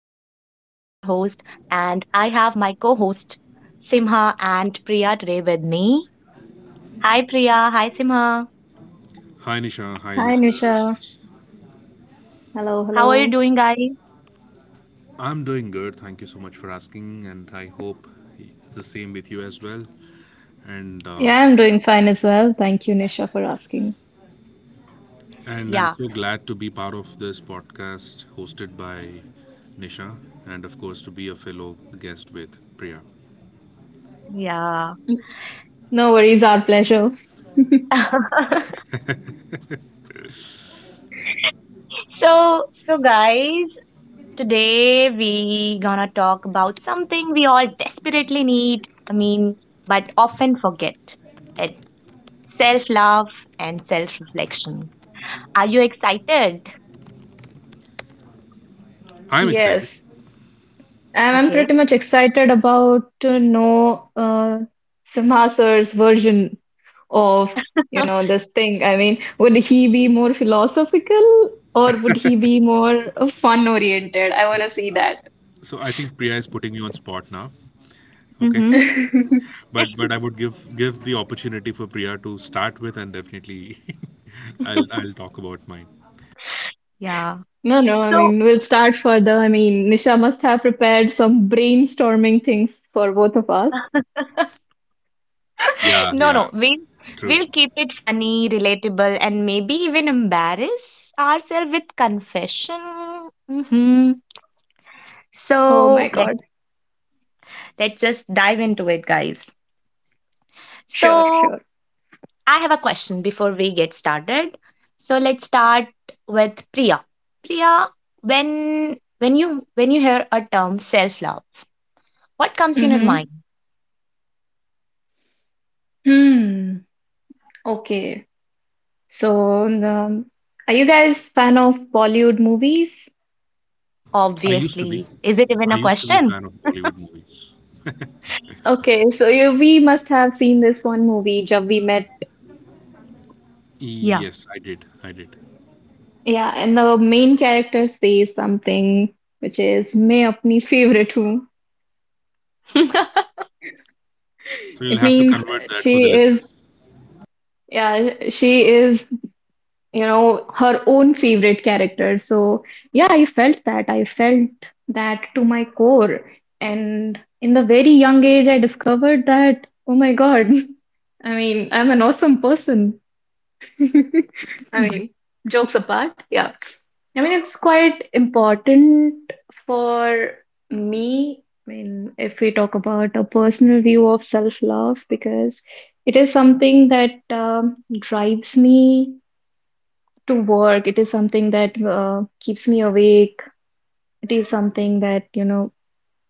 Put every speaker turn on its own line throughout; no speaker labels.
host, and I have my co host Simha and Priya today with me. Hi Priya, hi Simha.
Hi Nisha, hi
Hi, Nisha.
listeners.
Hello,
How are you
hello.
doing, guys?
I'm doing good. Thank you so much for asking, and I hope it's the same with you as well. And uh,
Yeah, I'm doing fine as well. Thank you, Nisha, for asking.
and I'm
Yeah,
so glad to be part of this podcast hosted by Nisha, and of course to be a fellow guest with Priya.
yeah.
N- No worries, our pleasure.
So, guys, today we gonna talk about something we all desperately need, I mean, but often forget. It's self-love and self-reflection. Are you excited?
I'm excited.
Yes, I'm
Okay.
pretty much excited about to know Simha sir's version of, you know, this thing. I mean, would he be more philosophical or would he be more fun oriented? I want to see that.
So I think Priya is putting me on spot now. Okay,
Mm-hmm.
but I would give the opportunity for Priya to start with, and definitely I'll talk about mine.
Yeah.
No, no, I
So,
mean, we'll start further. I mean, Nisha must have prepared some brainstorming things for both of us.
Yeah,
no,
yeah,
no, we'll,
true.
we'll keep it funny, relatable, and maybe even embarrass ourselves with confession.
Oh my
So,
God.
let's just dive into it, guys.
Sure,
So,
sure.
I have a question before we get started. So, let's start with Priya. Priya, when you hear a term self love, what comes in your
Mm-hmm.
mind?
Hmm. Okay. So, um, are you guys fan of Bollywood movies?
I used
Obviously,
to be.
is it even a
I used to be a
question?
fan of Bollywood movies.
Okay, so you we must have seen this one movie, Jab We Met.
Yeah.
Yes, I did. I did.
Yeah, and the main character says something which is "मैं अपनी favorite हूँ."
So you'll
It
have to
means
convert that for the
she is
listeners.
yeah she is you know, her own favorite character. So, yeah, I felt that. I felt that to my core. And in the very young age, I discovered that, oh my God, I mean, I'm an awesome person. I mean, jokes apart, yeah. I mean, it's quite important for me. I mean, if we talk about a personal view of self-love, because it is something that drives me to work. It is something that keeps me awake. It is something that, you know,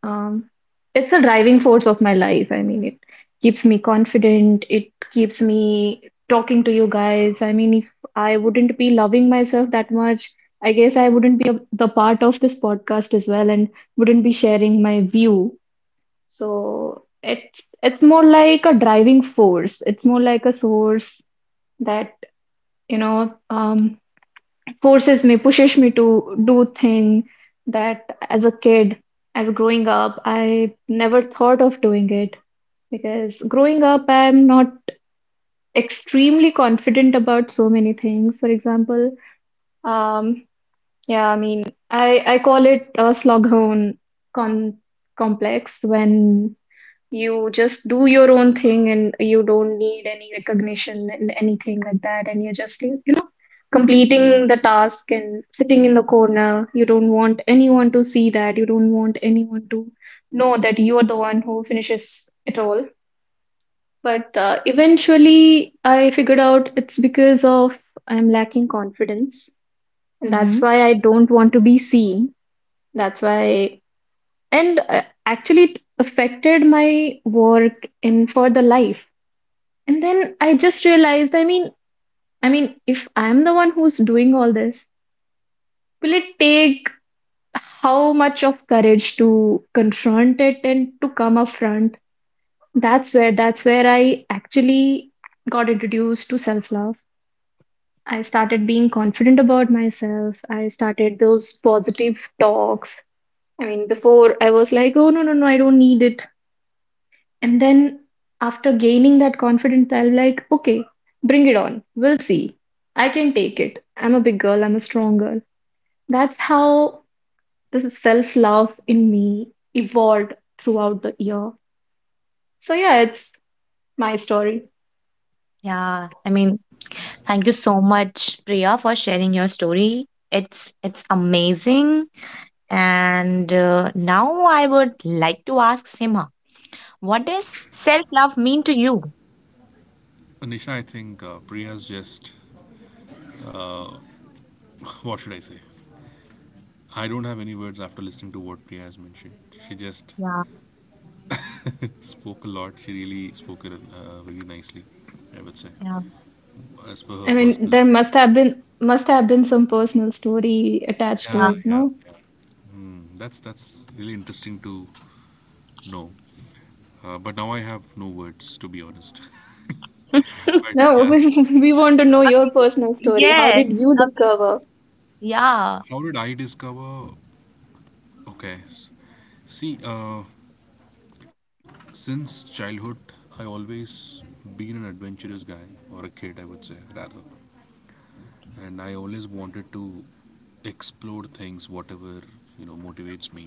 um, it's a driving force of my life. I mean, it keeps me confident. It keeps me talking to you guys. I mean, if I wouldn't be loving myself that much, I guess I wouldn't be the part of this podcast as well and wouldn't be sharing my view. So it's more like a driving force. It's more like a source that, you know, forces me, pushes me to do thing that as a kid, as growing up, I never thought of doing it because growing up, I'm not extremely confident about so many things. For example, um, yeah, I mean, I call it a sloghorn con complex when you just do your own thing and you don't need any recognition and anything like that. And you're just, you know, completing the task and sitting in the corner. You don't want anyone to see that. You don't want anyone to know that you're the one who finishes it all. But eventually, I figured out it's because of I'm lacking confidence. And that's
Mm-hmm.
why I don't want to be seen. That's why, and actually, it affected my work and further life. And then I just realized, I mean, if I'm the one who's doing all this, will it take how much of courage to confront it and to come up front? That's where I actually got introduced to self-love. I started being confident about myself. I started those positive talks. I mean, before I was like, oh no, no, no, I don't need it. And then after gaining that confidence, I'll be like, okay, bring it on. We'll see. I can take it. I'm a big girl. I'm a strong girl. That's how the self-love in me evolved throughout the year. So yeah, it's my story.
Yeah, I mean, thank you so much, Priya, for sharing your story. It's amazing. And now I would like to ask Sima, what does self-love mean to you?
Anisha, I think Priya's just. What should I say? I don't have any words after listening to what Priya has mentioned. She just
Yeah,
spoke a lot. She really spoke it very nicely, I would say,
yeah,
as per her
I mean,
personal
there must have
experience.
been must have been some personal story attached to
Yeah,
it,
yeah.
yeah,
no?
yeah. That's really interesting to know. But now I have no words, to be honest. But
No,
yeah,
we want to know your personal story. How
Yes.
did you
I mean,
discover?
yeah.
how did I discover? Okay, see, since childhood, I always been an adventurous guy or a kid, I would say rather, and I always wanted to explore things, whatever you know motivates me,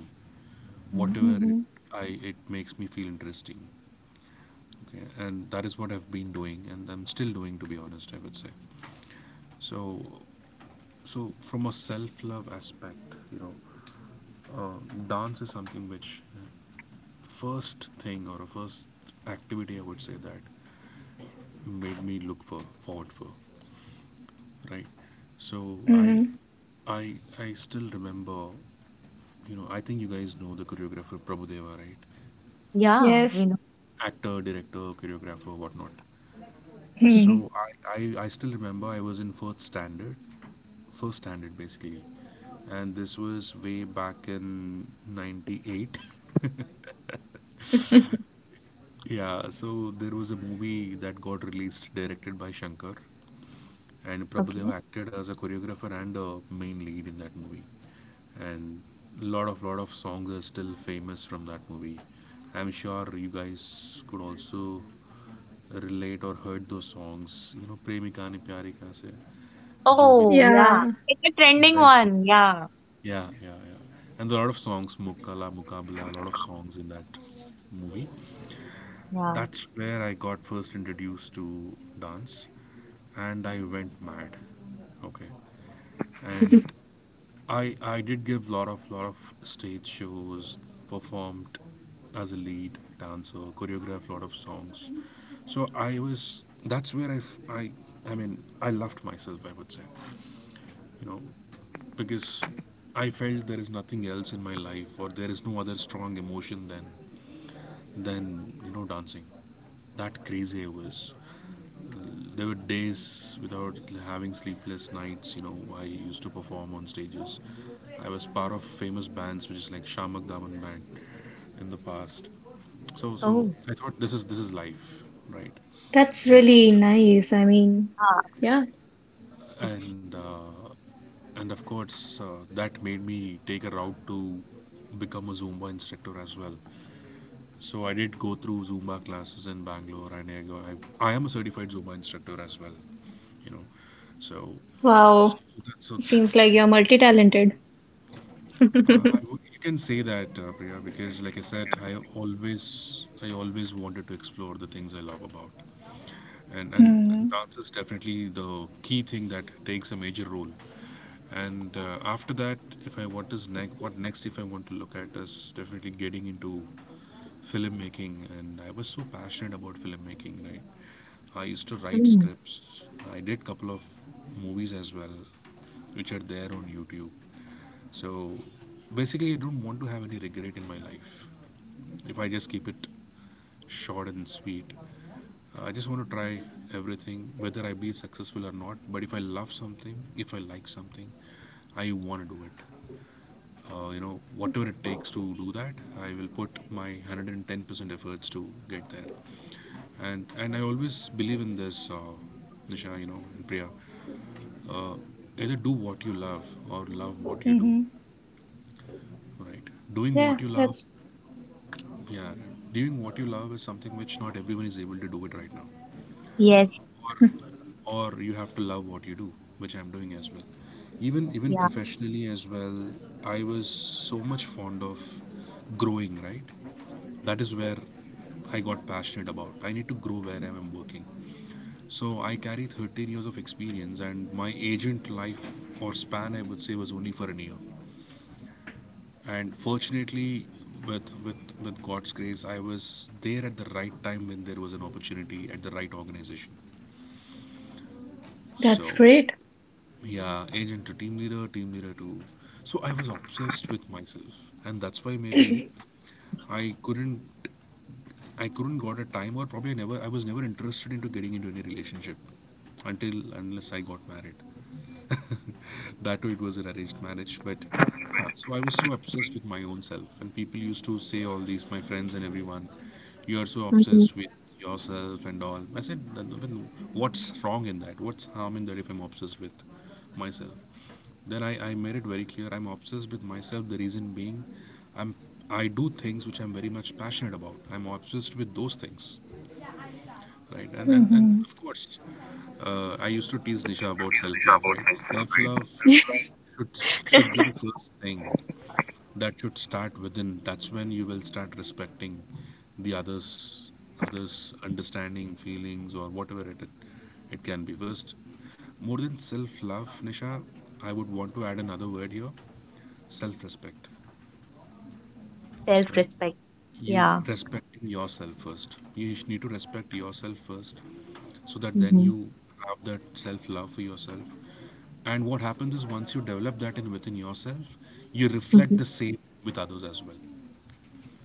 Mm.
whatever
Mhm.
I it makes me feel interesting. Okay, and that is what I've been doing, and I'm still doing, to be honest, I would say. So, so from a self-love aspect, you know, uh, dance is something which first thing or a first activity I would say that made me look for forward for, right? so I
Mhm.
I I still remember, you know, I think you guys know the choreographer Prabhudeva, right?
Yeah, we
Yes.
know.
Actor, director, choreographer, whatnot.
Mhm.
So I still remember I was in first standard, basically, and this was way back in 98. Yeah, so there was a movie that got released directed by Shankar, and
Okay.
Prabhudeva acted as a choreographer and a main lead in that movie. And lot of songs are still famous from that movie. I'm sure you guys could also relate or heard those songs. You know, Premika Ne Pyari Ka Se, Jo Bhi De
Oh,
Diya.
yeah.
Yeah.
It's a
You
trending
guys know.
one. Yeah,
Yeah, yeah, yeah. And there are a lot of songs, Mukala, Mukabla, a lot of songs in that movie.
yeah.
That's where I got first introduced to dance, and I went mad. Okay, and I did give lot of stage shows, performed as a lead dancer, choreographed lot of songs. So I was, that's where I mean I loved myself, I would say, you know, because I felt there is nothing else in my life or there is no other strong emotion than than you know dancing. That crazy I was. There were days without having sleepless nights. You know, I used to perform on stages. I was part of famous bands, which is like Shamak Daman band, in the past. So
Oh,
I thought this is life, right?
That's
And
really nice. I mean,
yeah.
yeah.
It's.
and uh, and of course, that made me take a route to become a Zumba instructor as well. So I did go through Zumba classes in Bangalore, and I am a certified Zumba instructor as well, you know. So, so,
Wow.
that- so it's-
Seems like you're multi-talented.
you can say that, Priya, because like I said, I always wanted to explore the things I love about, and
Mm-hmm.
dance is definitely the key thing that takes a major role. And After that, if I what is next, what next? If I want to look at is definitely getting into filmmaking, and I was so passionate about filmmaking, right? I used to write
Mm.
scripts, I did couple of movies as well, which are there on YouTube. So basically I don't want to have any regret in my life. If I just keep it short and sweet, I just want to try everything, whether I be successful or not. But if I love something, if I like something, I want to do it. You know, whatever it takes to do that, I will put my 110% efforts to get there. And I always believe in this, Nisha, you know, and Priya, uh, either do what you love or love what you do,
Mm-hmm.
right? doing
Yeah,
what you love Yeah, doing what you love is something which not everyone is able to do it right now,
Yes,
or you have to love what you do, which I'm doing as well. Even
yeah.
professionally as well, I was so much fond of growing, right? That is where I got passionate about, I need to grow where I am working. So I carry 13 years of experience, and my agent life or span I would say was only for a year. And fortunately, with god's grace, I was there at the right time when there was an opportunity at the right organization.
that's
So
great.
yeah, agent to team leader to. So I was obsessed with myself, and that's why maybe I couldn't, I couldn't got a time, or probably I was never interested into getting into any relationship, until unless I got married. That too, it was an arranged marriage. But huh, so I was so obsessed with my own self, and people used to say all these, my friends and everyone, you are so
Mhm.
obsessed with yourself and all. I said, "Then- what's wrong in that? What's harm in that if I'm obsessed with myself? Then I made it very clear I'm obsessed with myself. The reason being, I'm I do things which I'm very much passionate about. I'm obsessed with those things, right? And
Hmm.
of course, I used to tease Nisha about self love, right? Self love should should be the first thing that should start within. That's when you will start respecting the others, others understanding feelings, or whatever it can be. First, more than self love, Nisha, I would want to add another word here: self respect,
Self-respect.
right? you
Yeah.
Respecting yourself first, need to respect yourself first, so that then
Mhm.
you have that self love for yourself. And what happens is once you develop that in within yourself, you reflect
Mhm.
the same with others as well.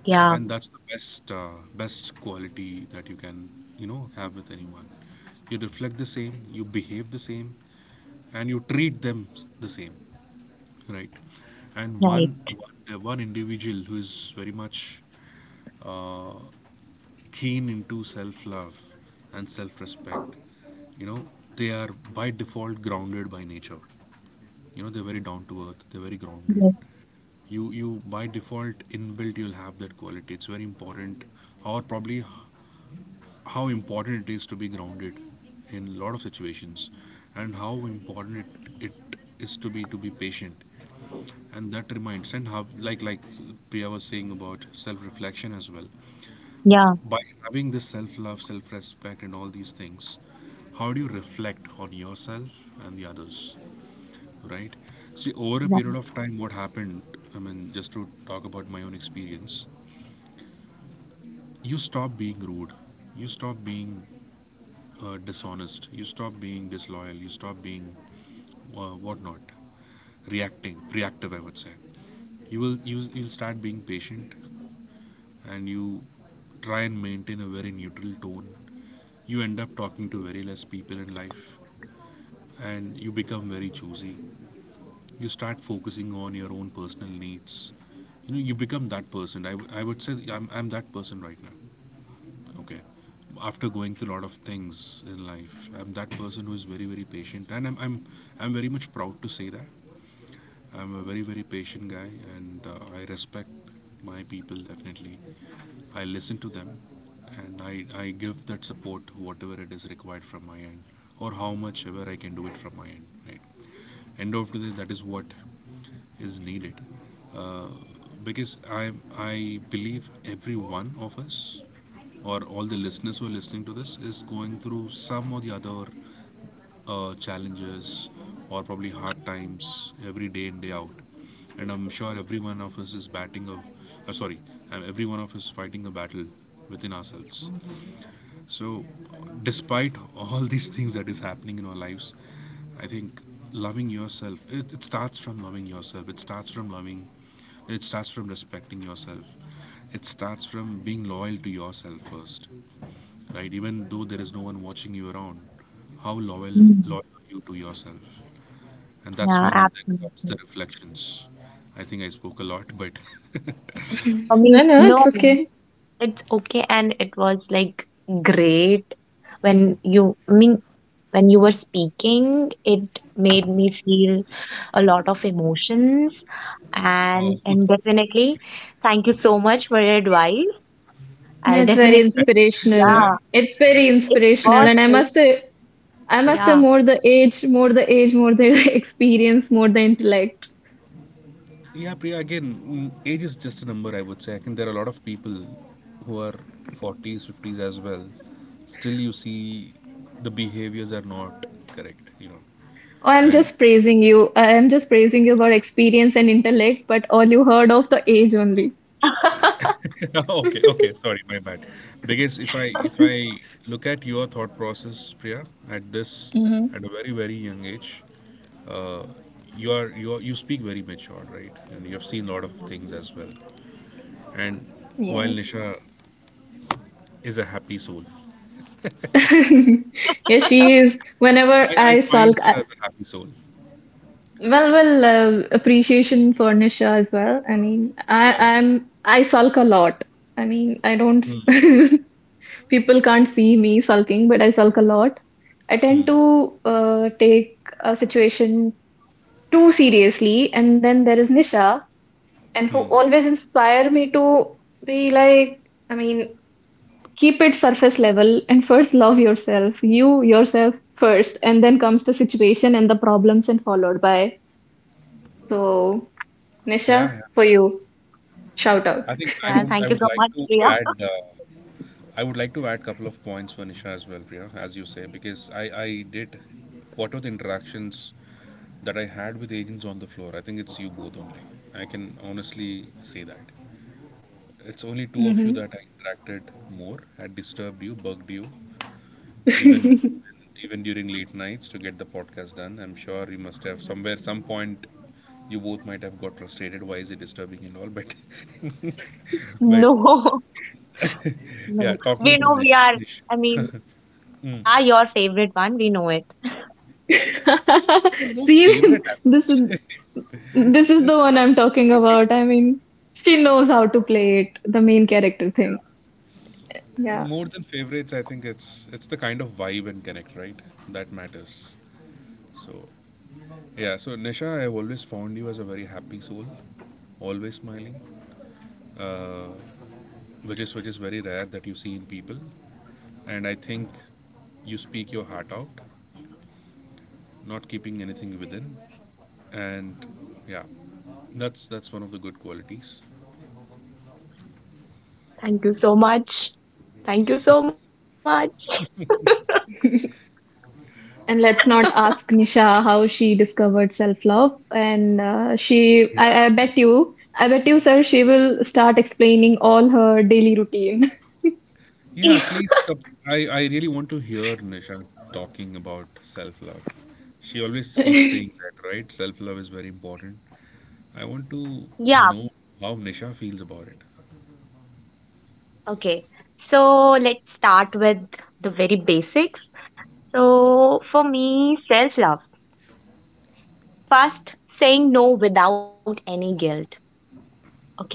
Yeah.
And that's the best best quality that you can you know have with anyone. You reflect the same, you behave the same, and you treat the same, right? And
Right.
one individual who is very much uh, keen into self love and self respect, you know, they are by default grounded by nature. You know, they're very down to earth, they're very grounded.
Yes.
You
Yeah.
by default inbuilt you'll have that quality. It's very important, or probably how important it is to be grounded in a lot of situations, and how important it is to be patient. And that reminds, and how like Priya was saying about self-reflection as well,
Yeah.
by having this self-love, self-respect and all these things, how do you reflect on yourself and the others, right? See, over a period
Right.
of time, what happened, I mean, just to talk about my own experience, you stop being rude, you stop being dishonest, you stop being disloyal, you stop being whatnot, reactive, I would say. You'll start being patient, and you try and maintain a very neutral tone. You end up talking to very less people in life, and you become very choosy. You start focusing on your own personal needs. You know, you become that person. I would say I'm that person right now. Okay, after going through a lot of things in life, I'm that person who is very very patient, and I'm very much proud to say that I'm a very very patient guy. And I respect my people definitely, I listen to them, and I give that support whatever it is required from my end, or how much ever I can do it from my end, right? End of the day, that is what is needed. uh, because I believe every one of us, or all the listeners who are listening to this, is going through some or the other challenges or probably hard times every day in day out. And I'm sure every one of us is batting a sorry every one of us fighting a battle within ourselves. So, despite all these things that is happening in our lives, I think loving yourself, it starts from loving yourself. It starts from loving. It starts from respecting yourself. It starts from being loyal to yourself first, right? Even though there is no one watching you around, how
Mm.
loyal are you to yourself? And that's
Yeah.
when comes
Absolutely.
the reflections. I think I spoke a lot, but
I mean,
No, no, it's
no,
okay.
it's okay. And it was like great when you, I mean, when you were speaking, it made me feel a lot of emotions.
oh
And definitely, thank you so much for your advice. I'll
It's very
no,
definitely,
did
inspirational.
yeah,
I?
It's very
it
inspirational,
was
and
very,
I must say,
yeah.
more the age, more the experience, more the intellect.
Yeah, Priya, again, age is just a number, I would say. I think there are a lot of people who are 40s, 50s as well. Still, you see the behaviors are not correct.
Oh, I'm
And
just praising you. I am just praising you about experience and intellect, but all you heard of the age only.
okay, okay, sorry, my bad. Because if I look at your thought process, Priya, at this
Mm-hmm.
at a very very young age, uh, you are, you speak very matured, right? And you have seen a lot
Yeah.
of things as well. And while
Yes.
Nisha is a happy soul,
Yeah, she is. Whenever
I
I sulk,
find her
I,
as a happy soul.
well, well, appreciation for Nisha as well. I mean,
Yeah.
I sulk a lot. I mean, I don't.
Hmm.
People can't see me sulking, but I sulk a lot. I tend to take a situation too seriously, and then there is Nisha, and who
Hmm.
always inspire me to be like. I mean, keep it surface level and first love yourself, you yourself first, and then comes the situation and the problems, and followed by. So,
Yeah,
Nisha,
yeah.
for you, shout
Thank you
out.
I
so
think
much,
I would
Priya.
like to add uh, add couple of points for Nisha as well, Priya, as you say, because I did, what were the interactions that I had with agents on the floor. I think it's you both only. I can honestly say that it's only two of you
Hmm.
that I interacted more. Had disturbed you, bugged you, even even during late nights to get the podcast done. I'm sure you must have somewhere some point you both might have got frustrated. Why is it disturbing and all? But but
No,
yeah,
no.
talking
We
about
know we
Nisha,
are,
Nish,
I mean, yeah, we
mm.
are your favorite one. We know it.
No, no
See,
favorite as such.
this is the
it's
one
not
I'm talking
fa-
about. I mean, she knows how to play it, the main character thing. Yeah.
More than favorites. I think it's the kind of vibe and connect, right, that matters. So yeah, so Nisha, I've always found you as a very happy soul, always smiling. Uh, which is very rare that you see in people. And I think you speak your heart out, not keeping anything within. And yeah, that's one of the good qualities.
Thank you so much. Thank you so much.
And let's not ask Nisha how she discovered self-love. And she,
Yeah, yeah,
I bet you, sir, she will start explaining all her daily routine.
yeah, at least I really want to hear Nisha talking about self love she always keeps saying that, right? self love is very important. I want to
Yeah,
know how Nisha feels about it.
okay. So let's start with the very basics. So for me, self-love. First, saying no without any guilt. Okay.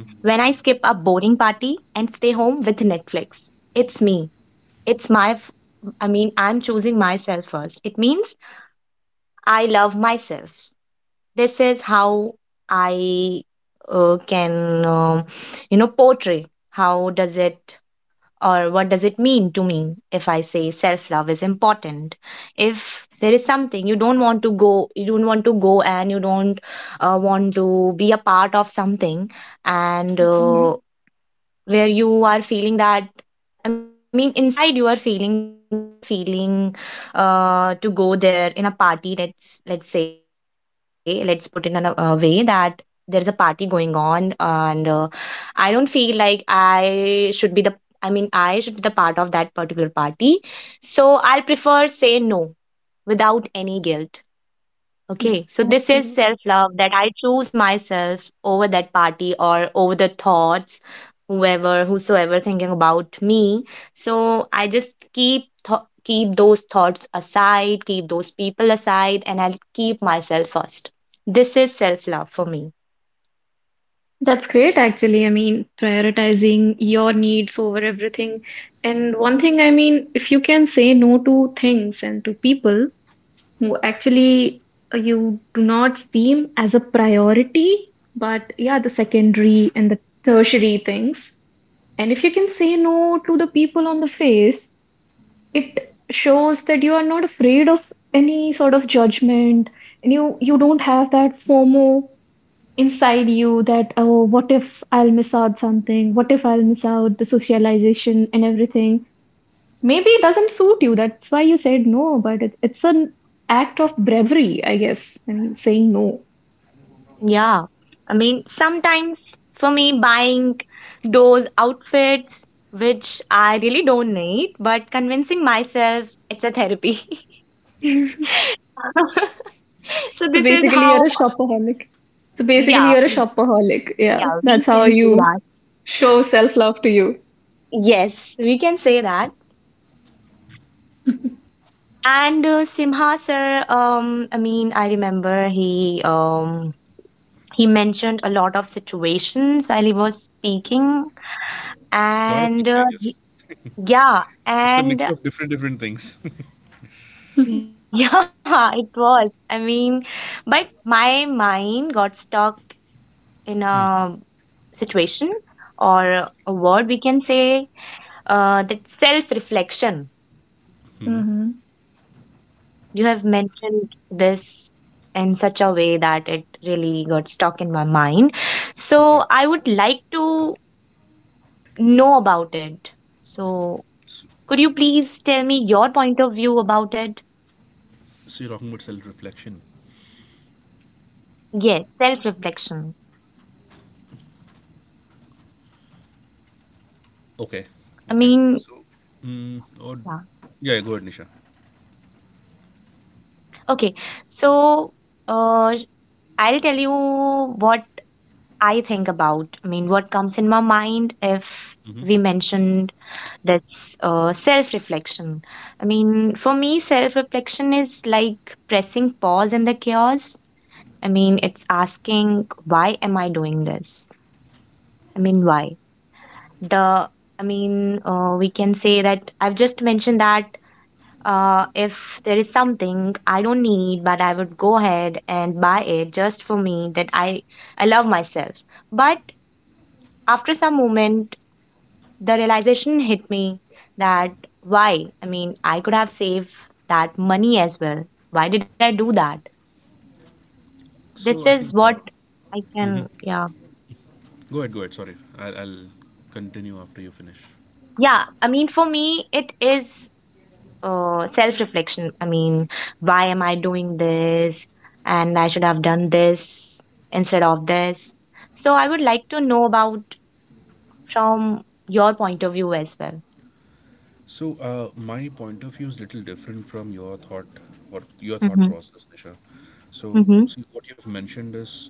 When I skip a boring party and stay home with Netflix, it's me. It's my, f- I mean, I'm choosing myself first. It means I love myself. This is how I can portray how does it or what does it mean to me if I say self love is important. If there is something you don't want to go you don't want to go and you don't want to be a part of something, and
Mhm.
where you are feeling that, I mean, inside you are feeling that you are not feeling to go there in a party. Let's say, let's put it in a way that there's a party going on, and I don't feel like I should be the part of that particular party. So I'll prefer say no without any guilt. Okay, so this is
Absolutely.
self love that I choose myself over that party or over the thoughts, whoever, whosoever thinking about me. So I just keep those thoughts aside, keep those people aside, and I'll keep myself first. This is self love for me.
That's great, actually. I mean, prioritizing your needs over everything. And one thing, I mean, if you can say no to things and to people who actually you do not seem as a priority, but yeah, the secondary and the tertiary things. And if you can say no to the people on the face, it shows that you are not afraid of any sort of judgment and you don't have that FOMO inside you that oh what if I'll miss out something? What if I'll miss out the socialization and everything? Maybe it doesn't suit you. That's why you said no, but it's an act of bravery, I guess. I mean, saying no.
Yeah, I mean sometimes for me buying those outfits which I really don't need, but convincing myself it's a therapy. So
So
this is
basically,
how,
you're a shopaholic. So basically,
yeah,
you're a shopaholic. Yeah,
yeah,
that's
we
how
can say
you
that.
show self-love to you.
Yes, we can say that. And Simha sir, I mean, I remember he mentioned a lot of situations while he was speaking,
A lot of
and
things, I guess.
yeah,
It's a
and
mix of different different things.
yeah, it was. I mean, but my mind got stuck in a situation or a word we can say, that self reflection.
Mm-hmm.
Mm-hmm.
You have mentioned this in such a way that it really got stuck in my mind. So
Okay,
I would like to know about it. So could you please tell me your point of view about it?
so you're talking about self-reflection.
Yes, self reflection.
Okay.
I
Okay.
mean,
So, or
yeah.
yeah, go ahead, Nisha.
Okay, so uh, I'll tell you what I think about. I mean, what comes in my mind if
Hmm.
we mention that's, self reflection. I mean, for me, self reflection is like pressing pause in the chaos. I mean, it's asking, why am I doing this? I mean, why? The, I mean, we can say that I've just mentioned that, if there is something I don't need, but I would go ahead and buy it just for me, that I love myself. But after some moment, the realization hit me that why? I mean, I could have saved that money as well. Why did I do that? This
So I
is
think.
what I can,
Hmm.
yeah.
Go ahead. Go ahead. Sorry, I'll continue after you finish.
Yeah, I mean, for me, it is, self reflection. I mean, why am I doing this? And I should have done this instead of this. So I would like to know about from your point of view as well.
So my point of view is little different from your thought
Mm-hmm.
process, Nisha. So
Mm-hmm.
see, what you've mentioned is,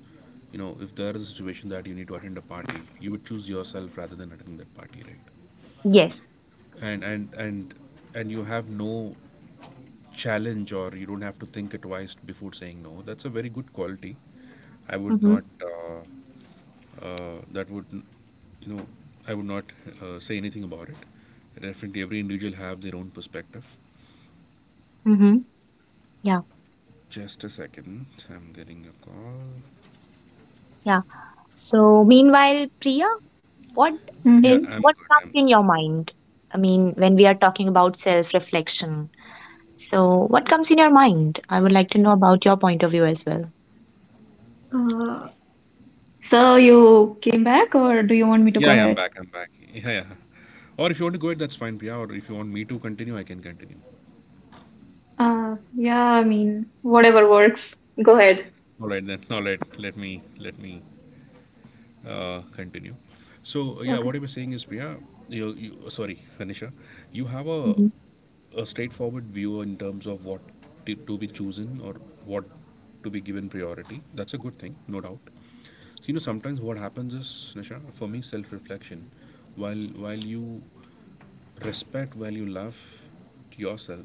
if there is a situation that you need to attend a party, you would choose yourself rather than attending that party, right?
Yes.
And and and and you have no challenge, or you don't have to think it twice before saying no. That's a very good quality. I would
Mm-hmm.
not uh, that would you know I would not say anything about it. Definitely, every individual have their own perspective.
Mm-hmm. Yeah.
Just a second, I'm getting a call.
Yeah. So, meanwhile, Priya, what
Yeah,
Hmm.
I'm
what
good,
comes
I'm
in your mind? I mean, when we are talking about self-reflection, so what comes in your mind? I would like to know about your point of view as well.
Uh, so you came back, or do you want me to
yeah,
go
yeah, i'm
ahead?
back i'm back yeah, yeah. Or if you want to go ahead, that's fine, Priya. Or if you want me to continue, I can continue.
Yeah, I mean, whatever works. Go ahead.
All right then, all right, let me continue. So yeah,
Okay.
what you were saying is, Priya, you sorry, Vanisha, you have a
Mm-hmm.
a straightforward view in terms of what to be chosen, or what to be given priority. That's a good thing, no doubt. So, you know, sometimes what happens is, Nisha, for me, self-reflection. While you respect, while you love yourself,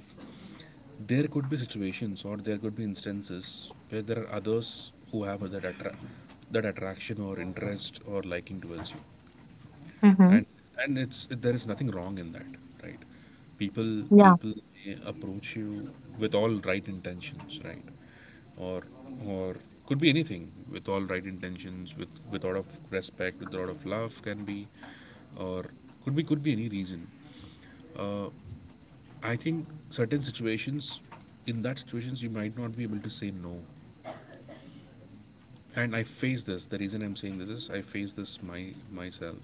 there could be situations or there could be instances where there are others who have that that attraction or interest or liking towards you,
Mm-hmm.
and it's there is nothing wrong in that, right? People,
Yeah.
people may approach you with all right intentions, right? Or or could be anything, with all right intentions, with lot of respect, with a lot of love, can be. Or could be any reason. uh, I think certain situations, in that situations you might not be able to say no. And I face this. The reason I'm saying this is, I face this my myself.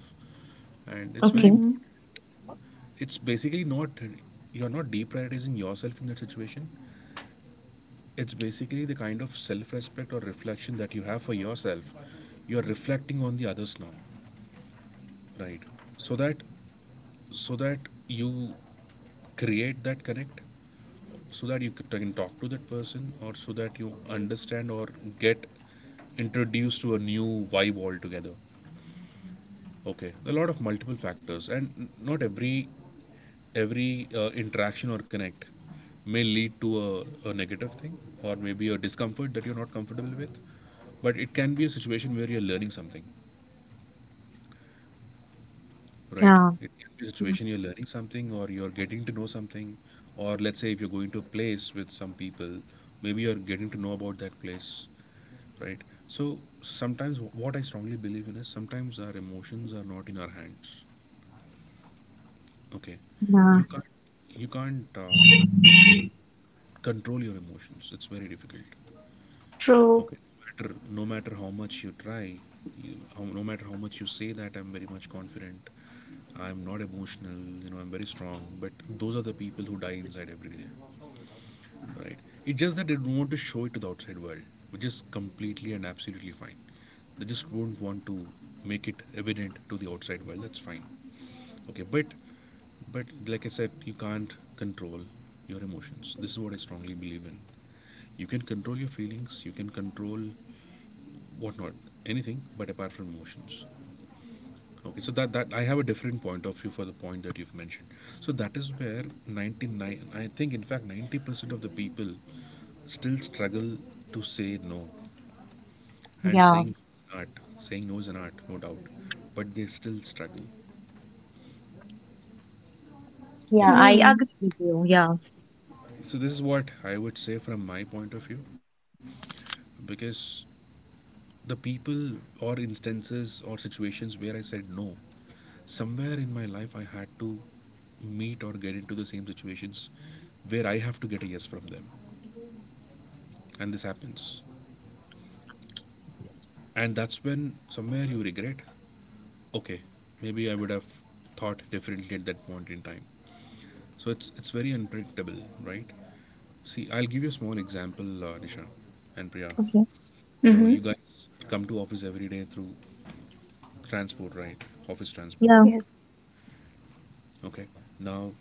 And
Okay.
Mm-hmm.
it's basically not, you're not deprioritizing yourself in that situation. It's basically the kind of self-respect or reflection that you have for yourself. You're reflecting on the others now, right? So that so that you create that connect, so that you can talk to that person, or so that you understand, or get introduced to a new vibe altogether. Okay, a lot of multiple factors. And not every interaction or connect may lead to a negative thing, or maybe a discomfort that you're not comfortable with. But it can be a situation where you're learning something, right?
Yeah.
It can be a
Yeah.
situation you're learning something, or you're getting to know something. Or let's say if you're going to a place with some people, maybe you're getting to know about that place, right? So sometimes, what I strongly believe in is, sometimes our emotions are not in our hands. Okay?
Yeah.
You can't you can't uh, control your emotions. It's very difficult.
True.
Okay. No matter, no matter how much you try, no matter how much you say that I'm very much confident, I'm not emotional, I'm very strong, but those are the people who die inside every day, right? It's just that they don't want to show it to the outside world, which is completely and absolutely fine. They just won't want to make it evident to the outside world. That's fine. Okay, but like I said, you can't control your emotions. This is what I strongly believe in. You can control your feelings. You can control whatnot, anything, but apart from emotions. Okay, so that I have a different point of view for the point that you've mentioned. So that is where 99, I think, in fact, 90% of the people still struggle to say no, and
Yeah.
saying art, saying no is an art, no doubt, but they still struggle.
Yeah.
Okay,
I
Mm.
agree with you. Yeah.
so this is what I would say from my point of view, because the people, or instances, or situations where I said no, somewhere in my life I had to meet or get into the same situations where I have to get a yes from them. And this happens. And that's when somewhere you regret. Okay, maybe I would have thought differently at that point in time. So it's very unpredictable, right? See, I'll give you a small example, Nisha and Priya.
Okay.
You know,
Mm-hmm.
you guys come to office every day through transport, right? Office transport.
Yeah.
Yes.
Okay, now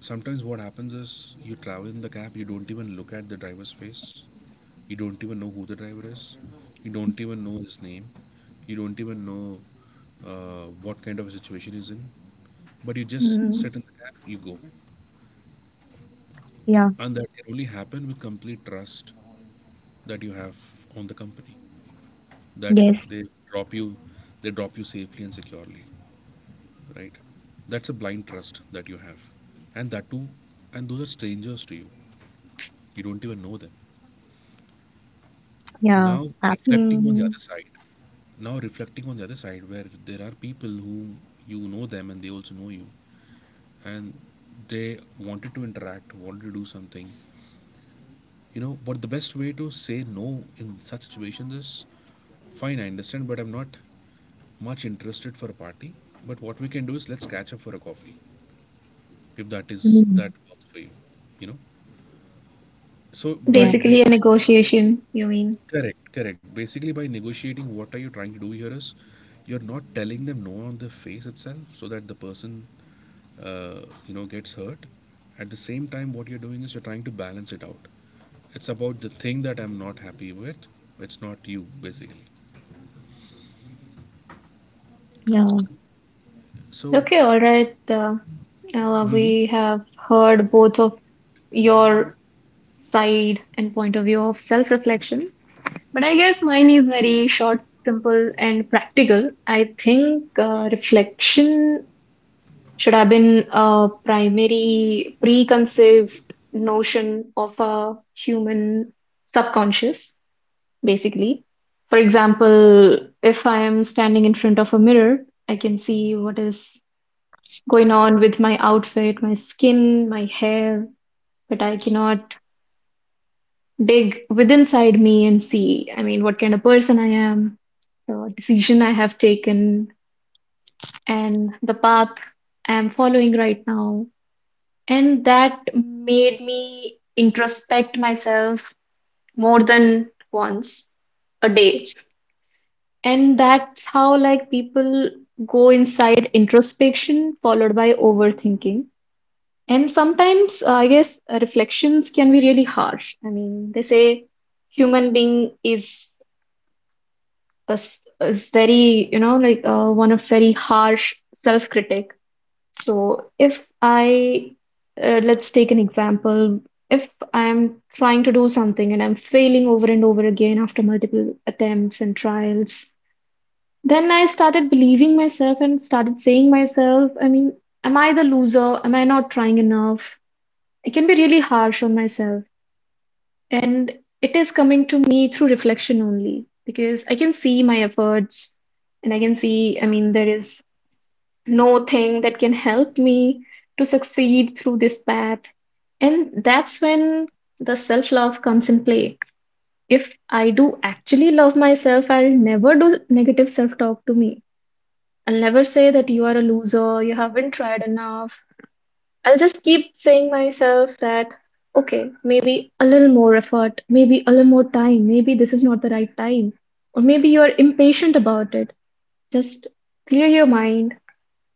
sometimes what happens is, you travel in the cab, you don't even look at the driver's face. You don't even know who the driver is. You don't even know his name. You don't even know what kind of a situation he's in. But you just
Mm-hmm.
sit in the cab, you go.
Yeah.
And that can only happen with complete trust that you have on the company. That
Yes.
they drop you, safely and securely, right? That's a blind trust that you have, and that too, and those are strangers to you. You don't even know them.
Yeah.
Now reflecting on the
Hmm.
other side, now reflecting on the other side, where there are people who you know them and they also know you, and they wanted to interact, wanted to do something, but the best way to say no in such situations is, fine, I understand, but I'm not much interested for a party. But what we can do is, let's catch up for a coffee, if
Absolutely.
that works for you, you know. So by,
Yeah.
by
Basically, a
by giving.
negotiation, you mean?
Correct, correct. Basically, by negotiating, what are you trying to do here is, you're not telling them no on the face itself, so that the person, uh, gets hurt. At the same time, what you're doing is, you're trying to balance it out. It's about the thing that I'm not happy with. It's not you, basically.
Yeah.
So,
Okay, all right.
hmm
We have heard both of your side and point of view of self-reflection. But I guess mine is very short, simple, and practical. I think reflection should have been a primary preconceived notion of a human subconscious, basically. For example, if I am standing in front of a mirror, I can see what is going on with my outfit, my skin, my hair, but I cannot dig within inside me and see, I mean, what kind of person I am, the decision I have taken, and the path I am following right now. And that made me introspect myself more than once a day. And that's how, like, people go inside introspection followed by overthinking. And sometimes, I guess, reflections can be really harsh. I mean, they say human being is very, you know, like one of very harsh self-critic. So if I, let's take an example. If I'm trying to do something and I'm failing over and over again after multiple attempts and trials, then I started believing myself and started saying myself, I mean, am I the loser? Am I not trying enough? I can be really harsh on myself. And it is coming to me through reflection only because I can see my efforts and I can see, I mean, there is no thing that can help me to succeed through this path. And that's when the self-love comes in play. If I do actually love myself, I'll never do negative self-talk to me. I'll never say that you are a loser, you haven't tried enough, I'll just keep saying myself that, okay, maybe a little more effort, maybe a little more time, maybe this is not the right time, or maybe you are impatient about it. Just clear your mind,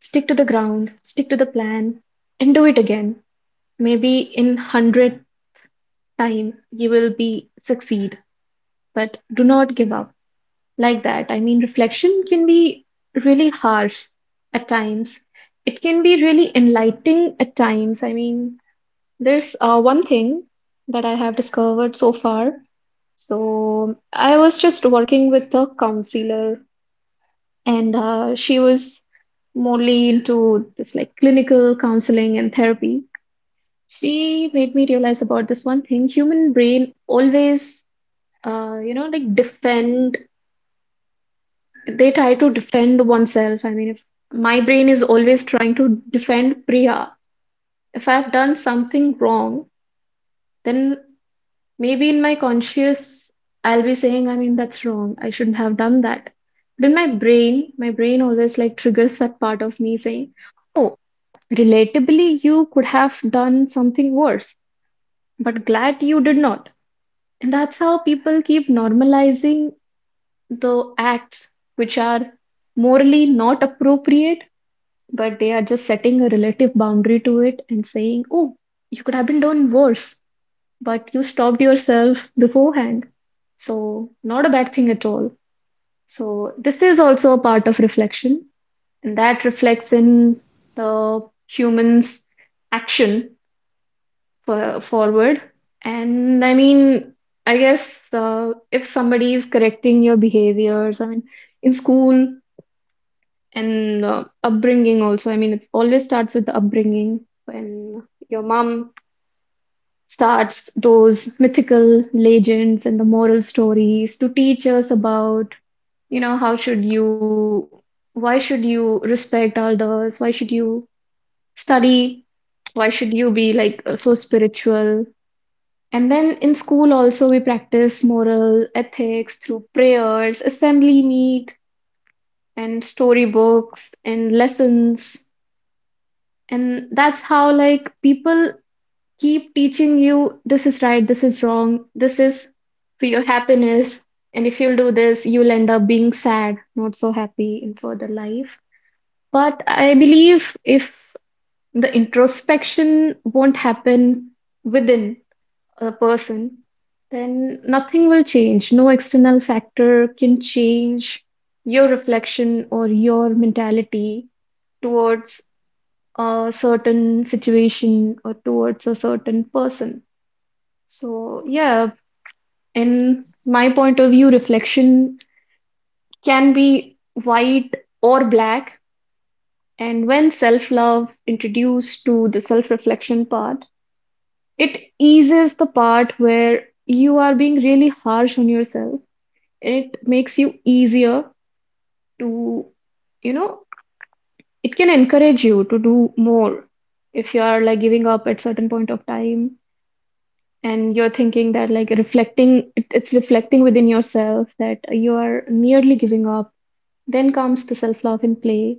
stick to the ground, stick to the plan, and do it again. Maybe in 100th time you will be succeed, but do not give up like that. I mean, reflection can be really harsh at times. It can be really enlightening at times. I mean, there's one thing that I have discovered so far. So I was just working with a counselor, and she was mostly into this like clinical counseling and therapy. She made me realize about this one thing: human brain always, you know, like defend. They try to defend oneself. I mean, if my brain is always trying to defend Priya, if I've done something wrong, then maybe in my conscious, I'll be saying, I mean, that's wrong. I shouldn't have done that. But in my brain always like triggers that part of me saying, oh, relatably, you could have done something worse, but glad you did not. And that's how people keep normalizing the acts which are morally not appropriate, but they are just setting a relative boundary to it and saying, oh, you could have been done worse but you stopped yourself beforehand. So, not a bad thing at all. So, this is also a part of reflection, and that reflects in the human's action forward. And I mean, I guess if somebody is correcting your behaviors, I mean, in school and upbringing also, I mean, it always starts with the upbringing when your mom starts those mythical legends and the moral stories to teach us about, you know, how should you, why should you respect elders? Why should you study? Why should you be like so spiritual? And then in school also we practice moral ethics through prayers, assembly meet, and storybooks and lessons. And that's how like people keep teaching you this is right, this is wrong, this is for your happiness. And if you'll do this, you'll end up being sad, not so happy in further life. But I believe if the introspection won't happen within a person, then nothing will change. No external factor can change your reflection or your mentality towards a certain situation or towards a certain person. So, yeah, in my point of view, reflection can be white or black. And when self-love introduced to the self-reflection part, it eases the part where you are being really harsh on yourself. It makes you easier to, you know, it can encourage you to do more if you are like giving up at certain point of time and you're thinking that like it's reflecting within yourself that you are nearly giving up, then comes the self-love in play,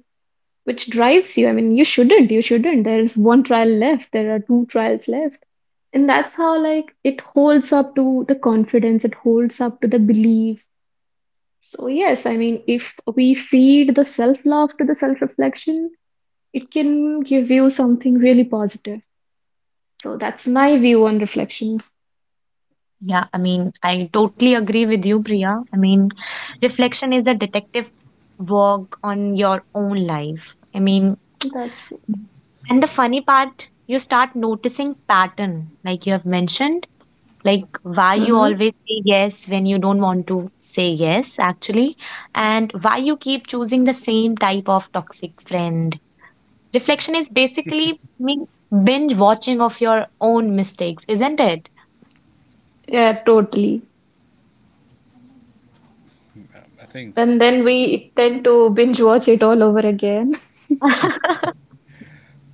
which drives you. I mean, you shouldn't, there is one trial left, there are two trials left. And that's how like it holds up to the confidence, it holds up to the belief. So yes, I mean, if we feed the self-love to the self-reflection, it can give you something really positive. So that's my view on reflection.
Yeah. I mean, I totally agree with you, Priya. I mean, reflection is a detective work on your own life. I mean,
That's true.
and the funny part, you start noticing pattern, like you have mentioned, like why
Mhm.
you always say yes when you don't want to say yes, actually, and why you keep choosing the same type of toxic friend. Reflection is basically mean binge watching of your own mistakes, isn't it?
Yeah, totally.
I think,
And then we tend to binge watch it all over again.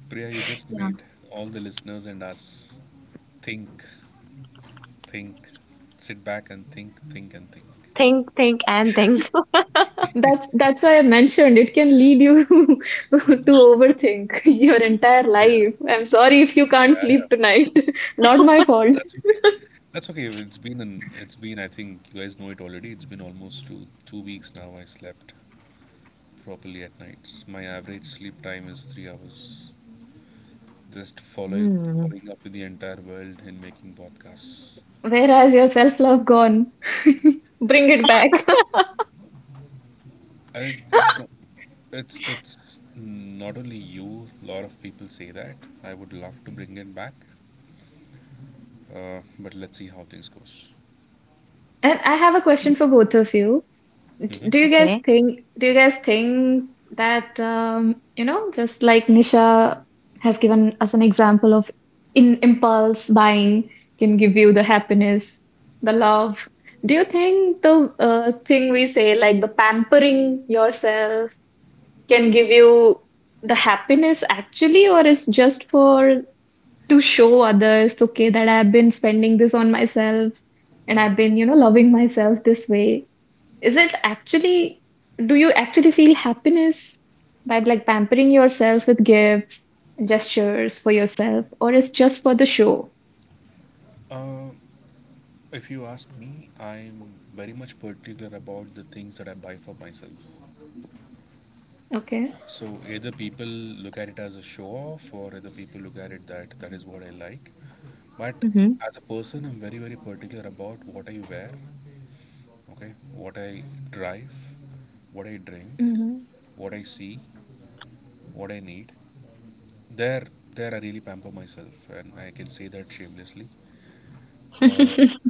Priya, you just
Yeah.
made all the listeners and us think, think, sit back and think, and think.
Think, and think.
That's why I mentioned it can lead you to overthink your entire life.
Yeah,
I'm sorry if you can't
yeah, yeah,
sleep tonight. Not my fault.
that's okay. That's okay. It's been, I think you guys know it already, it's been almost two two weeks now I slept properly at nights. My average sleep time is 3 hours. Just
Hmm.
following up with the entire world in making podcasts.
Where has your self-love gone? Bring it back.
I it's not it's not only you, a lot of people say that. I would love to bring it back. But let's see how things goes.
And I have a question for both of you. D- Do
Okay.
you
Hmm.
guys think do you guys think that just like Nisha has given us an example of in impulse buying can give you the happiness, the love. Do you think the thing we say like the pampering yourself can give you the happiness actually, or it's just for to show others, okay, that I've been spending this on myself and I've been, loving myself this way? Is it actually, do you actually feel happiness by like pampering yourself with gifts, gestures for yourself, or it's just for the show?
Uh, if you ask me, I'm very much particular about the things that I buy for myself.
Okay.
So either people look at it as a show off, or either people look at it that that is what I like. But
Hmm.
as a person, I'm very particular about what I wear, okay, what I drive, what I drink,
Mm-hmm.
what I see, what I need. There, there I really pamper myself, and I can say that shamelessly. Uh,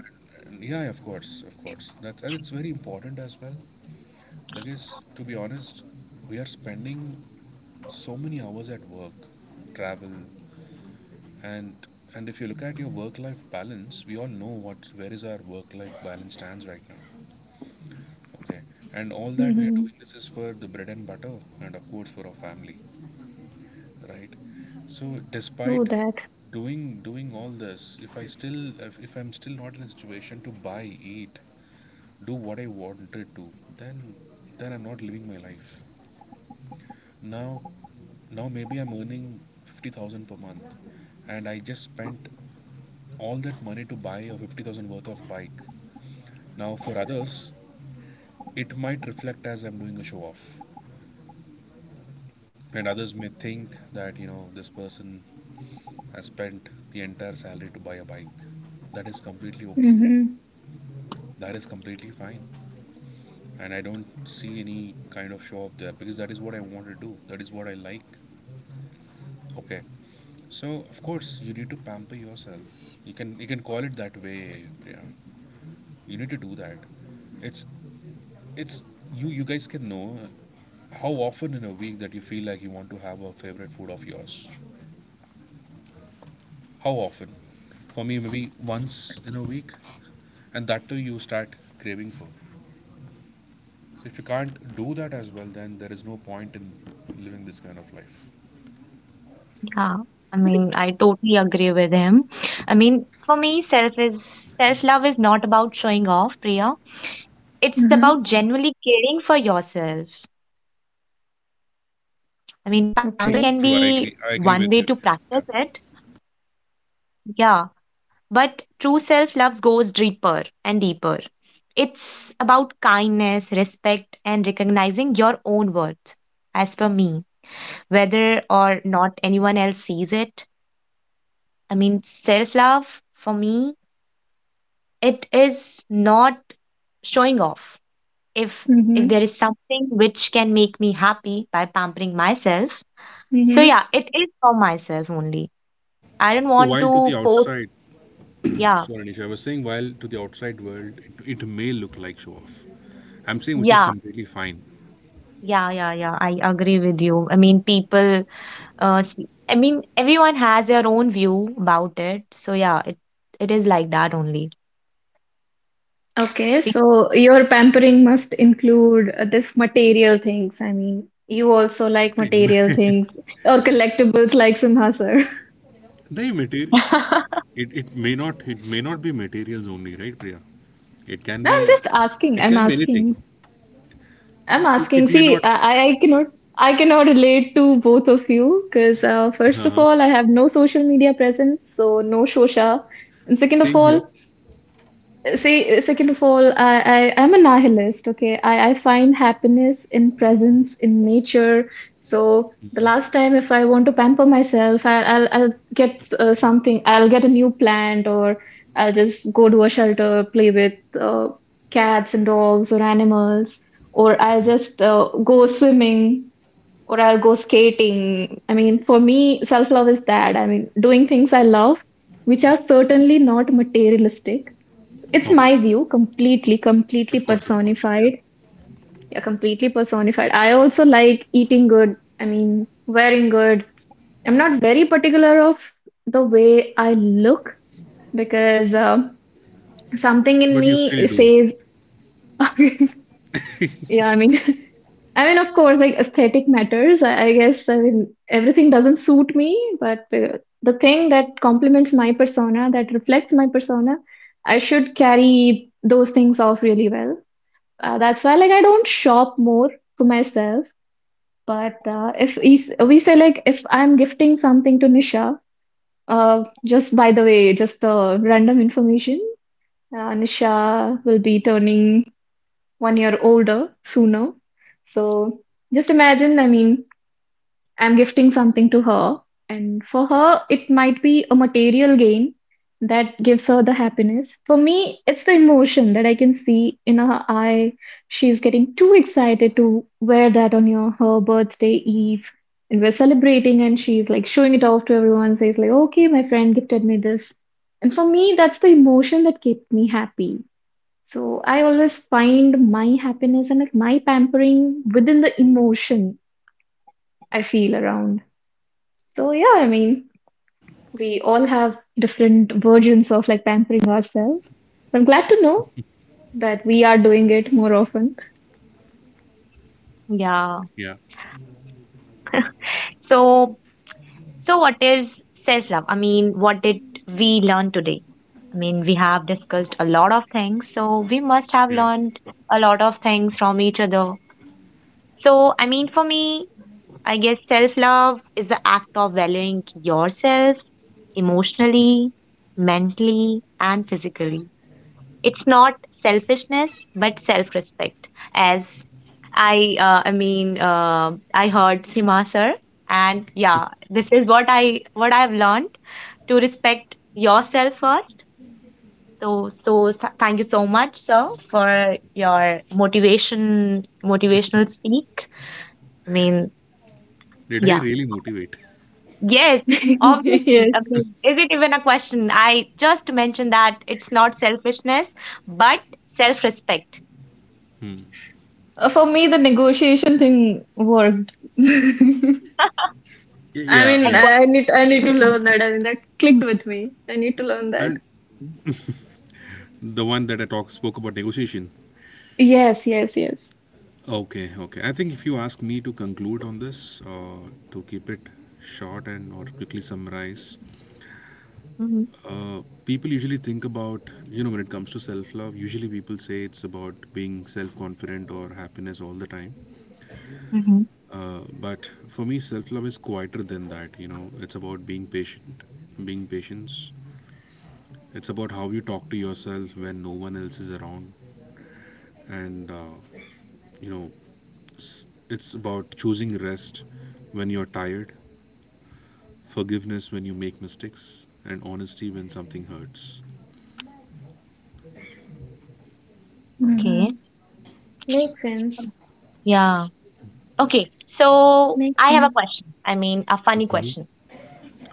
yeah, of course, of course. That's, and it's very important as well because to be honest, we are spending so many hours at work, travel, and and if you look at your work life balance, we all know what where is our work life balance stands right now, okay, and all that we are
Mm-hmm.
doing, this is for the bread and butter, and of course for our family, right? So
True
despite
that.
doing all this, if I'm still not in a situation to buy, eat, do what I wanted to, then then I'm not living my life. Now now maybe I'm earning 50,000 per month, and I just spent all that money to buy a 50,000 worth of bike. Now, for others, it might reflect as I'm doing a show off, and others may think that you know this person has spent the entire salary to buy a bike. That is completely okay.
Mm-hmm.
That is completely fine, and I don't see any kind of show off there because that is what I want to do. That is what I like. Okay, so of course you need to pamper yourself. You can call it that way. Yeah, you need to do that. It's it's you guys can know how often in a week that you feel like you want to have a favorite food of yours. How often? For me, maybe once in a week, and that too you start craving for. So if you can't do that as well, then there is no point in living this kind of life.
Yeah, I mean, I totally agree with him. I mean, for me, self love is not about showing off, Priya. It's about
Mm-hmm.
genuinely caring for yourself. I mean, pampering can be one way
Okay.
true
to
true i agree
practice
i
it.
agree with you, Nisha, yeah.
Yeah, but true self love goes deeper and deeper. It's about kindness, respect, and recognizing your own worth. As per me, whether or not anyone else sees it, I mean, self love for me, it is not showing off. If if
Mm-hmm.
there is something which can make me happy by pampering myself, so
Mm-hmm.
yeah, it is for myself only. I don't
So
want
while
to
to the
post.
outside—
Yeah,
sorry, Nisha, I was saying, while to the outside world, it may look like show off. I'm saying, which is
yeah,
completely fine.
yeah, yeah, yeah, I agree with you. I mean, people, I mean, everyone has their own view about it. So yeah, it is like that only.
Okay.
Pe-
So your pampering must include this material things. I mean, you also like material
Right.
things or collectibles like Simha sir.
Material, it, it may not be materials only, right, Priya? It can
No, I'm
be,
just asking.
it
I'm
can be anything.
asking. I'm
And it,
asking,
it may
see,
not.
I cannot I cannot relate to both of you because first of
Uh-huh.
all, I have no social media presence, so no shosha. And second of
Same here.
all, See, second of all, I'm a nihilist, okay? I find happiness in presence, in nature. So
Mm-hmm,
the
mm-hmm.
last time if I want to pamper myself, I'll get something. I'll get a new plant, or I'll just go to a shelter, play with uh, cats and dogs or animals, or I'll just go swimming, or I'll go skating. I mean, for me, self-love is that. I mean, doing things I love, which are certainly not materialistic. It's my
Okay.
view, completely, completely
Of course, of course. Yeah.
personified. Yeah, completely personified. I also like eating good. I mean, wearing good. I'm not very particular of the way I look because something in
But you still
me
do.
says, yeah, I mean, I mean, of course, like aesthetic matters. I guess, I mean, everything doesn't suit me, but the thing that complements my persona, that reflects my persona, I should carry those things off really well. That's why like I don't shop more for myself. But if we say like if I'm gifting something to Nisha, just by the way, just random information, Nisha will be turning one year older sooner. So just imagine, I mean, I'm gifting something to her, and for her, it might be a material gain that gives her the happiness. For me, it's the emotion that I can see in her eye. She's getting too excited to wear that on your her birthday eve, and we're celebrating, and she's like showing it off to everyone, says like, "Okay, my friend gifted me this." And for me, that's the emotion that kept me happy. So I always find my happiness and like my pampering within the emotion I feel around. So yeah, I mean, we all have different versions of like pampering ourselves. I'm glad to know that we are doing it more often.
yeah,
Yeah.
so. So, what is self love? I mean, what did we learn today? I mean, we have discussed a lot of things, so we must have
Yeah.
learned a lot of things from each other. So, I mean, for me, I guess self love is the act of valuing yourself
Mhm.
emotionally, mentally, and physically. It's not selfishness, but self respect. As I mean, I heard Sima sir, and yeah, this is what I what I've learned, to respect yourself first. So, thank you so much, sir, for your motivation, motivational speak. I mean,
Did I
yeah,
really motivate?
yes, obviously. I
Yes.
mean, is it even a question? I just mentioned that it's not selfishness, but self-respect.
Hmm.
For me, the negotiation thing worked.
Y-
I
Yeah,
mean,
And
yeah.
what?
I need to learn that. I mean, that clicked with me. I need to learn that.
And the one that I talk spoke about negotiation.
Yes, yes, yes.
Okay, okay. I think if you ask me to conclude on this, to keep it short and or quickly summarize,
Mm-hmm.
people usually think about, you know, when it comes to self love. Usually, people say it's about being self confident or happiness all the time.
Mhm.
But for me, self love is quieter than that. You know, it's about being patient, being patience. It's about how you talk to yourself when no one else is around, and you know, it's about choosing rest when you're tired, forgiveness when you make mistakes, and honesty when something hurts.
Mm-hmm.
Okay.
Makes sense.
Yeah. Okay.
Makes
So
sense.
I have a question. I mean, a funny
Mhm.
question.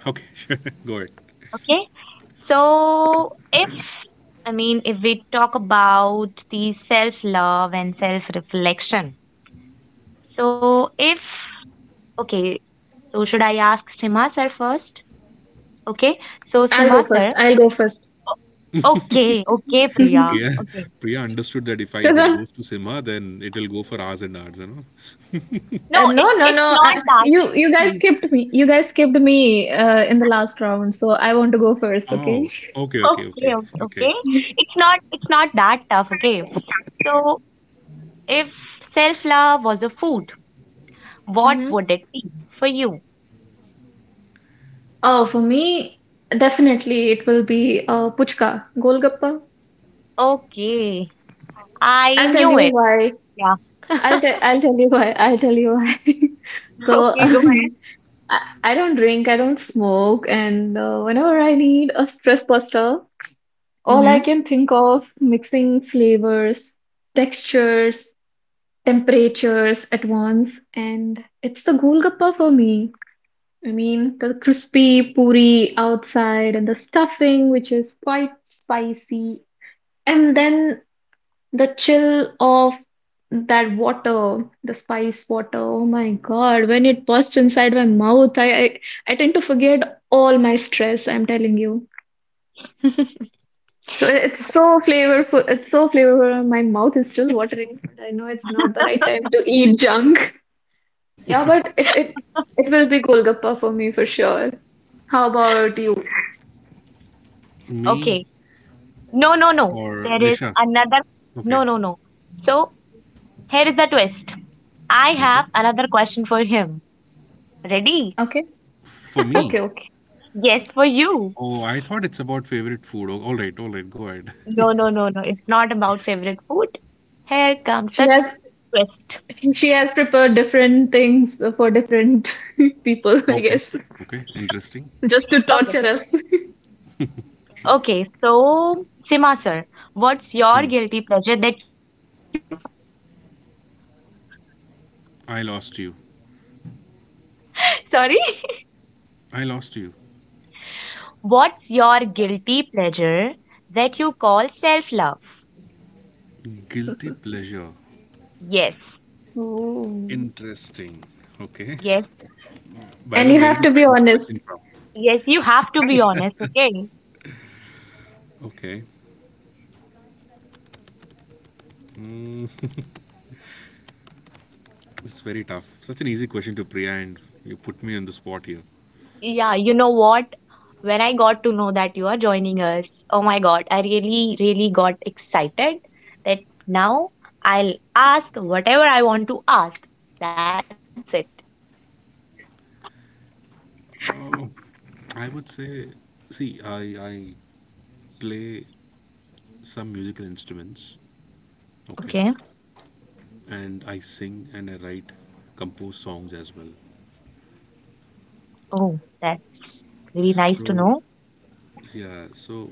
Okay, sure, go ahead.
Okay. So if, I mean, if we talk about the self-love and self-reflection. So if, okay, so should I ask Sima sir first? Okay. So
I'll go
Sima
first.
sir.
I'll go first.
o- Okay. Okay, Priya.
Because
Priya,
Okay.
Priya understood that if it goes to Simha, then it'll go for hours and hours, you know.
No,
No,
it's
no,
it's
no.
not that.
You you guys skipped me. You guys skipped me in the last round, so I want to go first, okay?
Oh, okay, okay,
Okay,
okay,
okay,
okay.
okay. It's not that tough. Okay. So if self love was a food, what
Mm-hmm.
would it be for you?
Oh, for me, definitely it will be puchka, golgappa.
Okay, I
I'll tell
knew
you
it.
why.
Yeah.
I'll tell I'll tell you why. I'll tell you why. So
Okay, go
I,
ahead.
I don't drink, I don't smoke, and whenever I need a stress buster, all I
Mm-hmm.
can think of mixing flavors, textures, temperatures at once, and it's the Golgappa for me. I mean, the crispy puri outside and the stuffing, which is quite spicy, and then the chill of that water, the spice water. Oh my God, when it bursts inside my mouth, I tend to forget all my stress, I'm telling you. So it's so flavorful. It's so flavorful. My mouth is still watering, but I know it's not the right time to eat junk. Yeah, but it will be Golgappa for me for sure. How about you?
Me
Okay. No, no, no.
or
There is
Nisha?
another.
Okay.
No, no, no. So here is the twist. I
Okay.
have another question for him. Ready?
Okay,
For me,
okay, okay.
Yes, for you.
oh, I thought it's about favorite food. Oh, all right, go ahead.
No, no, no, no. It's not about favorite food. Here comes
She
the
has
twist.
she has prepared different things for different people, I
Okay.
guess,
Okay. Interesting.
just to
Okay.
torture us.
Okay. So, Sima sir, what's your
Hmm.
guilty pleasure that you call self love?
I lost you.
Sorry?
I lost you.
What's your guilty pleasure that you call self love?
Guilty pleasure.
Yes,
Ooh.
Interesting. Okay.
yes,
By
And
the way,
you
where did
have
you
to be
find this question
honest.
from?
yes, you have to be honest, okay?
Okay. Mm, it's very tough. Such an easy question to Priya, and you put me on the spot here.
Yeah, you know what? When I got to know that you are joining us, oh my god, I really, really got excited that now I'll ask whatever I want to ask. That's it.
Uh, I would say, see, I play some musical instruments. Okay.
Okay.
And I sing and I write, compose songs as well.
Oh, that's really nice to
So
know.
yeah, so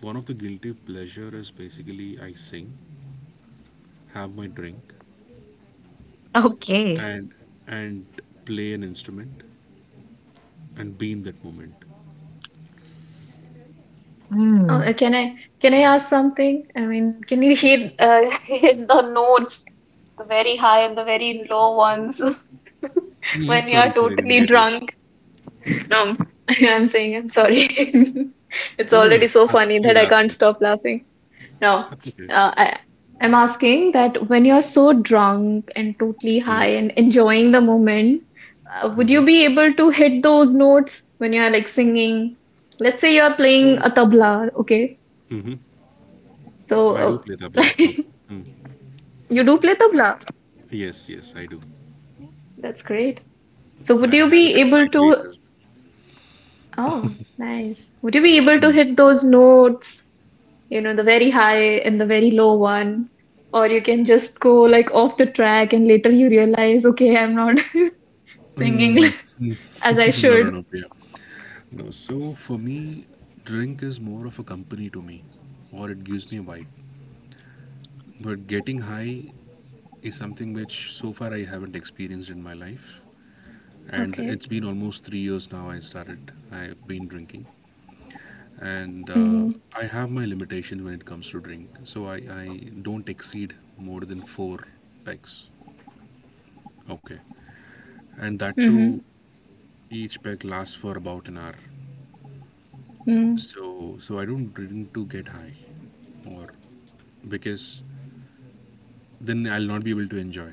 one of the guilty pleasure is basically I sing, have my drink,
Okay.
and and play an instrument and be in that moment.
Uh,
Hmm.
can I can I ask something? I mean, can you hit hit the notes, the very high and the very low ones
Hmm?
when you are
Sorry, sorry, I didn't
totally
get you.
drunk? Um, I'm saying I'm sorry. It's
No, no,
already
no.
so
Ask,
funny that
please
I
ask
can't
me.
stop laughing. No,
That's okay.
uh, I, I'm asking that when you're so drunk and totally high
Hmm.
and enjoying the moment, would you
Mm-hmm.
be able to hit those notes when you're like singing? Let's say you're playing
So
a tabla, okay?
hmm,
So,
I do play tabla.
like, you
Okay. Mm.
do play tabla.
Yes, yes, I do.
That's great. So, would
I
you
have it
be
at my
able
place
to?
as
Oh, nice. Would you be able to
well.
hit those notes? The very high and the very low one. Or you can just go like off the track and later you realize, okay, I'm not singing
Mm. Mm.
as I
No, no,
should.
no. You know, so for me, drink is more of a company to me, or it gives me a vibe. But getting high is something which so far I haven't experienced in my life, and
Okay.
it's been almost 3 years now. I started. I've been drinking, and
Mm-hmm.
I have my limitations when it comes to drink. So I don't exceed more than four packs, okay, and that
Mm-hmm.
too, each pack lasts for about an hour.
Mm-hmm.
So so I don't drink to get high, or because then I'll not be able to enjoy.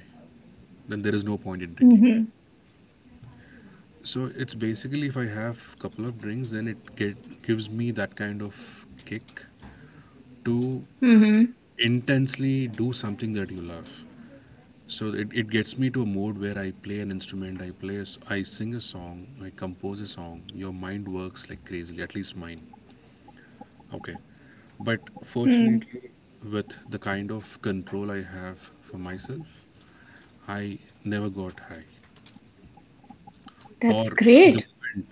Then there is no point in drinking.
Mm-hmm.
So it's basically if I have a couple of drinks, then it gives me that kind of kick to
Mm-hmm.
intensely do something that you love. So it gets me to a mode where I play an instrument, I sing a song, I compose a song. Your mind works like crazily, at least mine. Okay. But
Mm.
fortunately, with the kind of control I have for myself, I never got high.
That's
Or
great.
the moment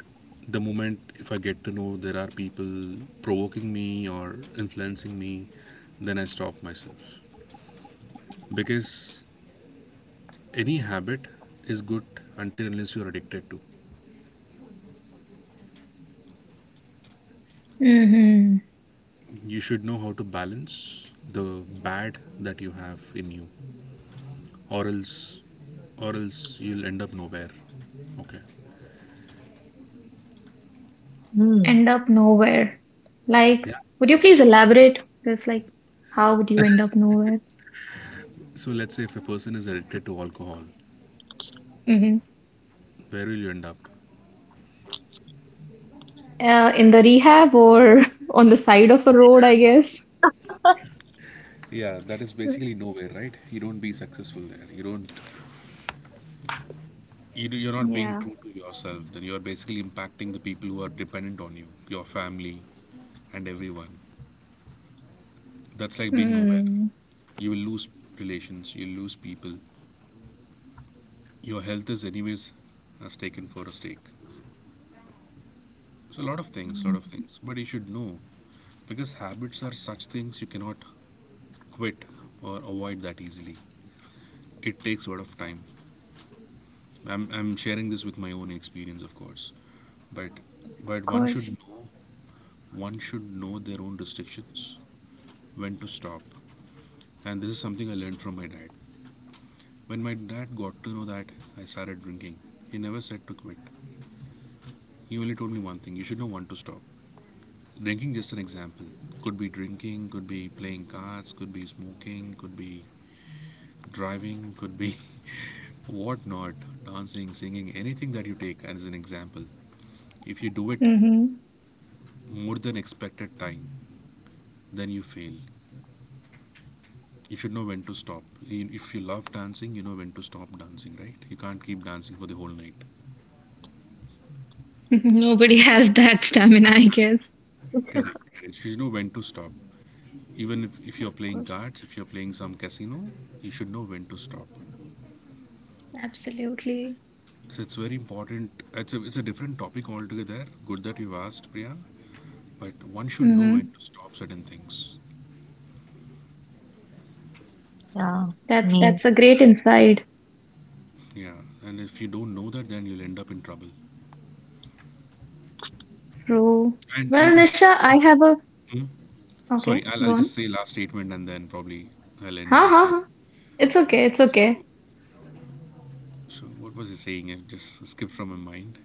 the moment if I get to know there are people provoking me or influencing me, then I stop myself, because any habit is good until unless you are addicted to.
Mm-hmm.
You should know how to balance the bad that you have in you, or else or else you'll end up nowhere, okay.
Hmm.
End up nowhere. Like,
Yeah, of
would you please
course.
elaborate? Because, like, how would you end up nowhere?
So let's say if a person is addicted to alcohol,
Mm-hmm.
where will you end up?
In the rehab or on the side of a road, I guess.
Yeah, that is basically nowhere, right? You don't be successful there, you don't— you you're not being
Yeah.
true to yourself, then you're basically impacting the people who are dependent on you, your family and everyone. That's like being nowhere.
Mm, of
You will lose relations, you'll lose people, your health is anyways as taken for a stake. So a lot of things,
Hmm.
lot of things, but you should know, because habits are such things you cannot quit or avoid that easily. It takes a lot of time. I'm sharing this with my own experience, of course. But but one should
course.
know, one should know their own restrictions, when to stop. And this is something I learned from my dad. When my dad got to know that I started drinking, he never said to quit. He only told me one thing: you should know when to stop. Drinking, just an example, could be drinking, could be playing cards, could be smoking, could be driving, could be what not, dancing, singing, anything that you take as an example. If you do it
Hmm.
more than expected time, then you fail. You should know when to stop. If you love dancing, you know when to stop dancing, right? You can't keep dancing for the whole night.
Nobody has that stamina, I guess.
Correct, correct. You should know when to stop. Even if
Of
you're playing
course.
cards, if you're playing some casino, you should know when to stop.
Absolutely.
So it's very important. It's a different topic altogether. Good that you've asked, Priya. But one should know when
Hmm.
to stop certain things.
Yeah. I
That's
mean,
that's a great insight.
Yeah. And if you don't know that, then you'll end up in trouble.
True.
And
Well,
I'm sure.
Nisha,
I—
I have a
hmm?
okay,
Sorry,
go
I'll
on.
just say last statement and then probably I'll end
Ha ha
this here.
ha. It's okay, it's okay.
So, so what was he saying? I just skipped from my mind.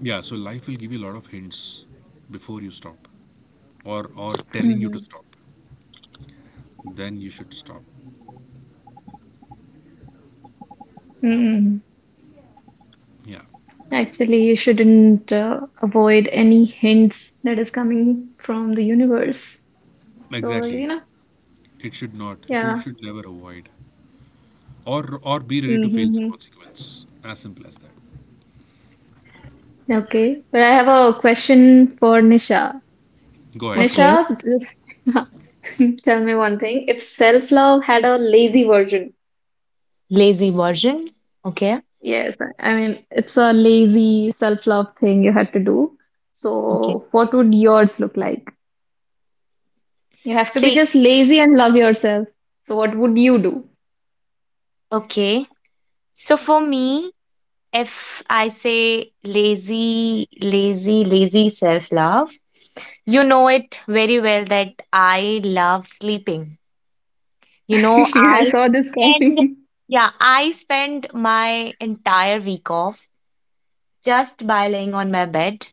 Yeah, so life will give you a lot of hints before you stop or telling you to
Hmm.
stop. Then you should stop.
Hmm.
Yeah.
Actually, you shouldn't avoid any hints that is coming from the universe. So,
Exactly. It should not. You
yeah.
should never avoid. Or be ready to face the
Mm-hmm.
consequence. As simple as that.
Okay. But I have a question for Nisha.
Go ahead, go
okay.
ahead.
Nisha, just tell me one thing. If self-love had a lazy version,
Lazy version. Okay.
yes, I mean, it's a lazy self-love thing you had to do.
Okay.
So, what would yours look like? You have to be
See,
just lazy and love yourself. So, what would you do?
okay. So for me, if I say lazy, lazy, lazy self love, you know it very well that I love sleeping. You know,
I
I
saw this
spend,
coming.
yeah, I spend my entire week off just by laying on my bed.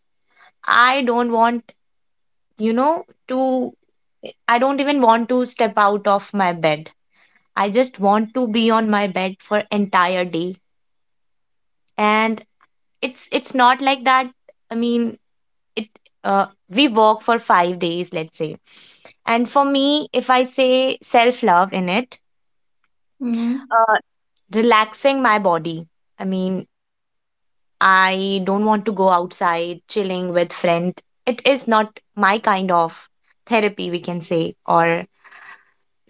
I don't want, you know, to, I don't even want to step out of my bed. I just want to be on my bed for entire day, and it's not like that. I mean, it uh, we work for 5 days, let's say, and for me if I say self love in it,
Mm-hmm.
uh, relaxing my body, I mean, I don't want to go outside chilling with friends. It is not my kind of therapy, we can say, or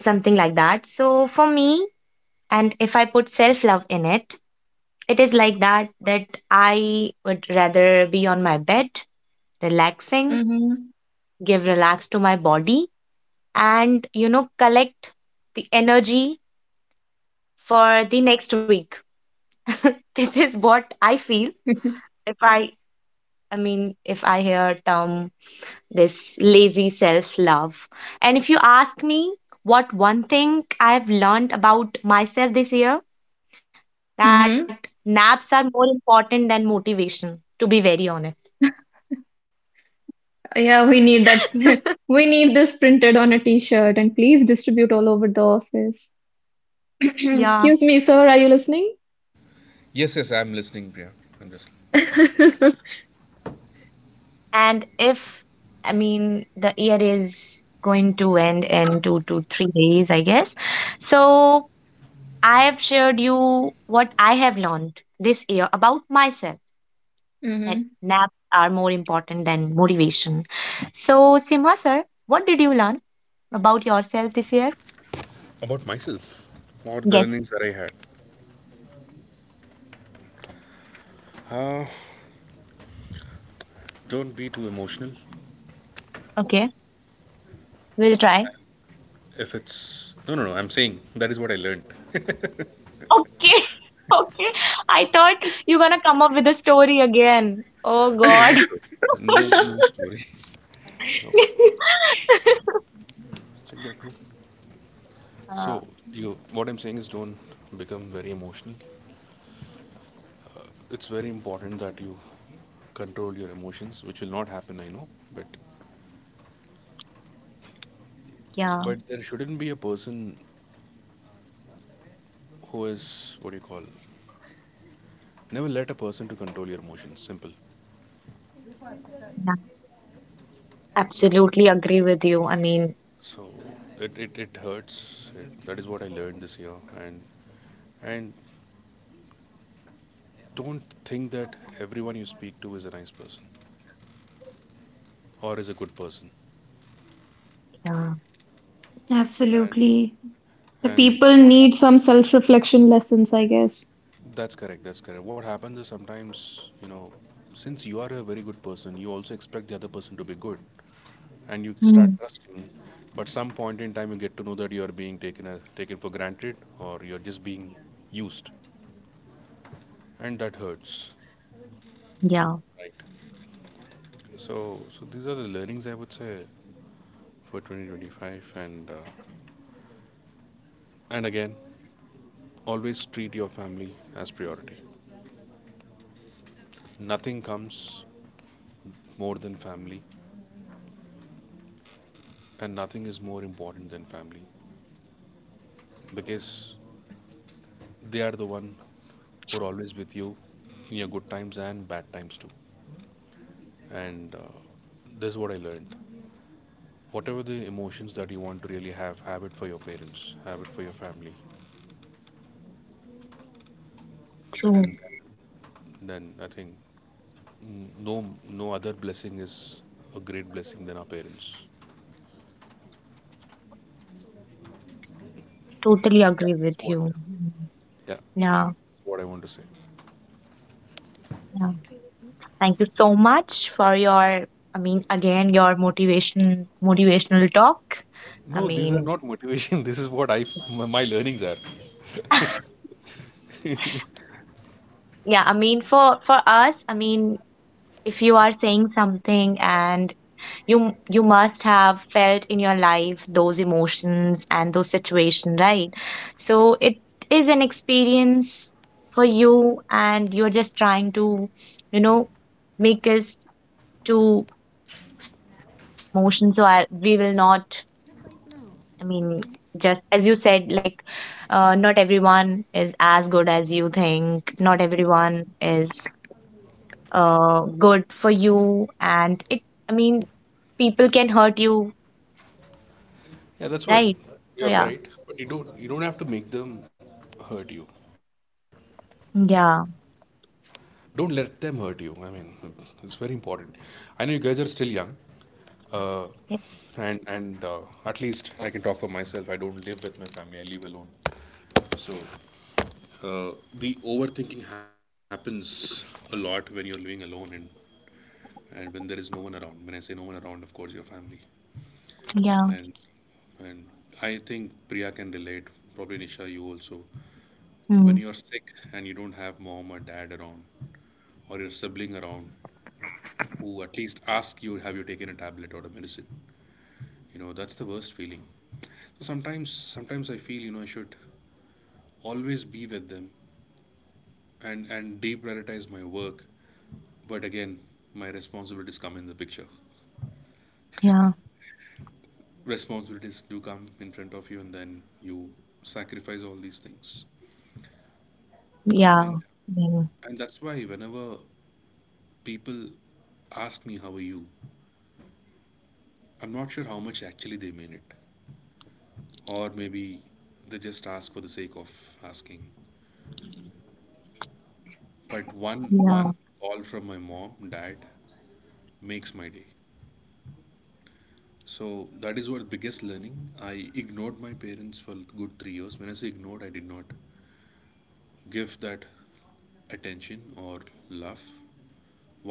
something like that. So for me, and if I put self love in it, it is like that, that I would rather be on my bed relaxing,
Mm-hmm.
give relax to my body, and collect the energy for the next week. This is what I feel if I mean, if I hear term this lazy self love. And if you ask me what one thing I've learned about myself this year, that naps
Mm-hmm.
are more important than motivation, to be very honest.
Yeah, we need that. We need this printed on a t-shirt and please distribute all over the office.
Yeah.
Excuse me, sir, are you listening?
Yes, yes, I'm listening, Priya. I'm just listening.
And if, I mean, the year is going to end in 2 to 3 days, I guess. So I have shared you what I have learned this year about myself, that
Mhm.
naps are more important than motivation. So, Sima, sir, what did you learn about yourself this year?
About myself or the
Yes.
learnings that I had. Uh, don't be too emotional.
Okay. We'll try.
If it's— no, no, no. I'm saying that is what I learned.
Okay. Okay. I thought you're going to come up with a story again. Oh,
No, no, no
God.
story. No, no story. No, check that room.
Uh,
So you, what I'm saying is, don't become very emotional. It's very important that you control your emotions, which will not happen, I know, but
yeah.
But there shouldn't be a person who is, what do you call? Never let a person to control your emotions. Simple.
Absolutely agree with you. I mean,
So it hurts. That is what I learned this year. And and don't think that everyone you speak to is a nice person or is a good
hmm,
person.
yeah,
And
Absolutely. The
and
people
what
need some
happens is—
self-reflection lessons, I guess.
that's correct. That's correct. What happens is sometimes you know, since you are a very good person, you also expect the other person to be good, and you
hmm,
start trusting, but some point in time you get to know that you are being taken as, taken for granted, or you're just being used, and that hurts,
yeah,
right? So so these are the learnings I would say for 2025, and again, always treat your family as priority. Nothing comes more than family, and nothing is more important than family, because they are the one who are always with you in your good times and bad times too. And this is what I learned. Whatever the emotions that you want to really have it for your parents, have it for your family,
true.
and then I think, mm, no no other blessing is a great blessing than our parents.
Totally
Yeah,
agree
that's
with
what.
you. Mm.
Yeah,
Yeah,
that's what I want to say.
yeah. Thank you so much for your, I mean, again, your motivation, motivational talk. I
No, these are
mean,
not motivation. This is what I, my learnings are.
yeah, I mean, for us, I mean, if you are saying something and you must have felt in your life those emotions and those situations, right? So it is an experience for you, and you're just trying to you know make us to feel those emotions. So we will not, I mean, just as you said, like, not everyone is as good as you think, not everyone is good for you, and it I mean, people can hurt you,
Yeah, that's what.
right? So
You're
yeah.
right, but you don't have to make them hurt you.
Yeah,
Don't let them hurt you. I mean, it's very important. I know you guys are still young, uh, and at least I can talk for myself. I don't live with my family. I live alone. So the overthinking happens a lot when you're living alone, and when there is no one around. When I say no one around, of course your family.
yeah,
And and I think Priya can relate. Probably Nisha, you also. When
mm,
you're sick and you don't have mom or dad around or your sibling around, who at least ask you, have you taken a tablet or a medicine, you know that's the worst feeling. So sometimes, sometimes I feel, you know, I should always be with them, and deprioritize my work. But again, my responsibilities come in the picture.
yeah,
Responsibilities do come in front of you, and then you sacrifice all these things, I
yeah,
think.
mm,
And that's why whenever people ask me, how are you, I'm not sure how much actually they mean it, or maybe they just ask for the sake of asking. But
yeah,
one call from my mom dad makes my day. So that is what biggest learning. I ignored my parents for good 3 years. When I say ignored, I did not give that attention or love.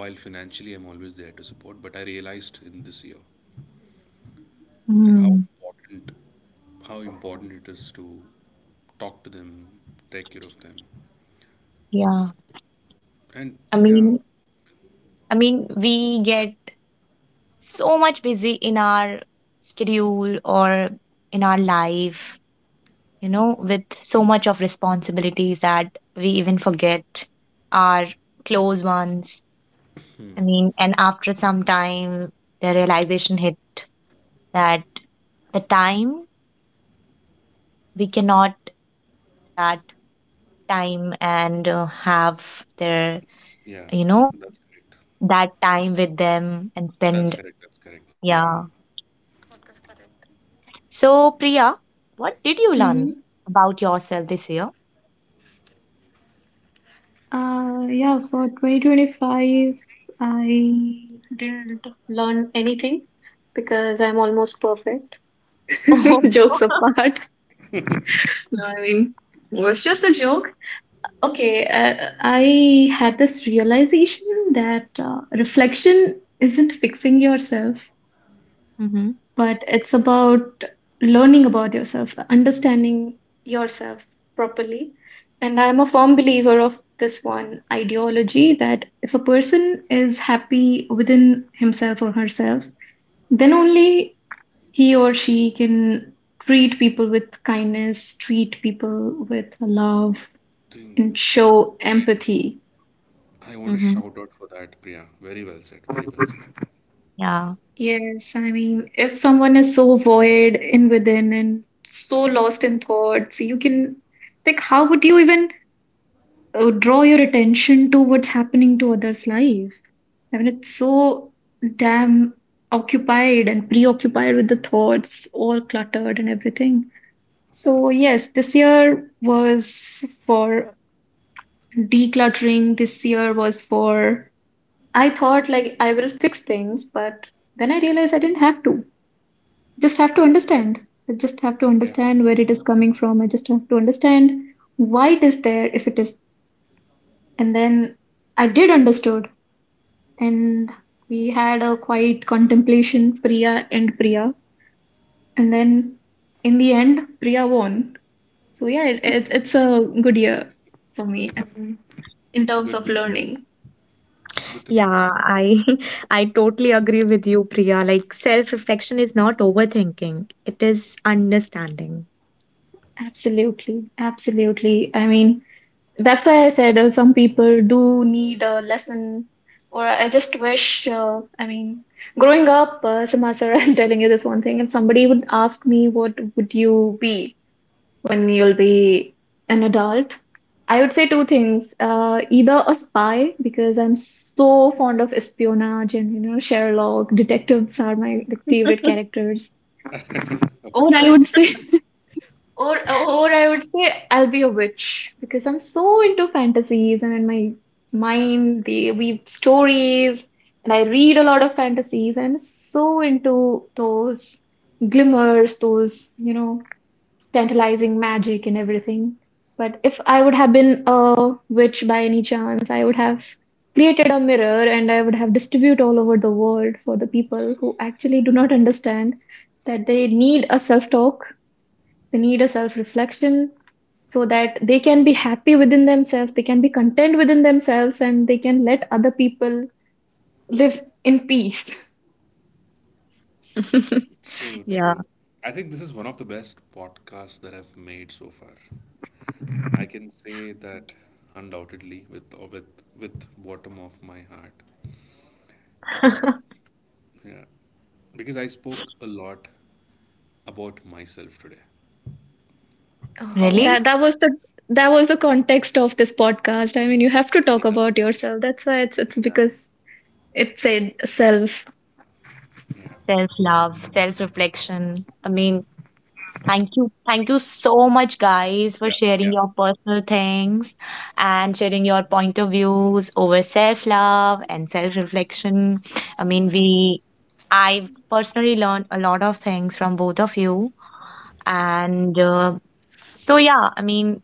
While financially, I'm always there to support. But I realized in this year, right, how
mm,
important, how important it is to talk to them, take care of them,
yeah.
and
I
yeah,
mean, I mean, we get so much busy in our schedule or in our life, with so much of responsibilities that we even forget our close ones. I mean, and after some time, the realization hit that the time, we cannot go back to that time and have their
yeah,
you know
that's correct.
that time with them and
That's
spend.
correct. That's correct. Yeah,
Yeah, so Priya, what did you learn
Mhm.
about yourself this year?
Yeah, for 2025, I didn't learn anything because I'm almost perfect.
Oh,
Jokes apart. No, I mean, it was just a joke. Okay, I had this realization that reflection isn't fixing yourself,
mm-hmm,
but it's about learning about yourself, understanding yourself properly. And I'm a firm believer of this one ideology that if a person is happy within himself or herself, then only he or she can treat people with kindness, treat people with love,
think.
and show empathy.
I want to
mm-hmm.
shout out for that, Priya. Very well said. Very well said.
Yeah.
Yes, I mean, if someone is so void in within and so lost in thoughts, you can, like, how would you even draw your attention to what's happening to others' life? I mean, it's so damn occupied and preoccupied with the thoughts, all cluttered and everything. So, yes, this year was for decluttering. This year was for, I thought, like, I will fix things, but then I realized I didn't have to. Just have to understand. I just have to
Yeah,
understand where it is coming from. I just have to understand why it is there if it is. And then I did understood, and we had a quiet contemplation, Priya and Priya. And then in the end, Priya won. So yeah, it's a good year for me, in terms
good.
of
Good to know.
learning.
Good to know that.
Yeah, I I totally agree with you, Priya. Like, self-reflection is not overthinking, it is understanding.
Absolutely, absolutely. I mean, that's why I said some people do need a lesson, or I just wish, I mean, growing up, Sima sir, I'm telling you this one thing. If somebody would ask me, what would you be when you'll be an adult? I would say two things. Either a spy, because I'm so fond of espionage and, Sherlock, detectives are my like, favorite characters. Or
Okay.
I would say or I would say I'll be a witch because I'm so into fantasies and in my mind they weave stories, and I read a lot of fantasies and so into those glimmers, those, tantalizing magic and everything. But if I would have been a witch by any chance, I would have created a mirror and I would have distribute all over the world for the people who actually do not understand that they need a self-talk, they need a self-reflection, so that they can be happy within themselves, they can be content within themselves, and they can let other people live in peace.
True,
Yeah.
true. I think this is one of the best podcasts that I've made so far. I can say that undoubtedly with bottom of my heart, you know. Yeah. Because I spoke a lot about myself today.
Oh,
How I
Really.
that
see
that was
that.
the that was the context of this podcast. I mean, you have to talk
Yeah.
about yourself. That's why it's
Yeah.
because it said self.
Yeah.
Self love, self reflection, I mean. Thank you. Thank you so much, guys, for
Yeah.
sharing
Yeah.
your personal things and sharing your point of views over self love and self reflection. I mean, I personally learned a lot of things from both of you.
Yeah.
And so, yeah, I mean,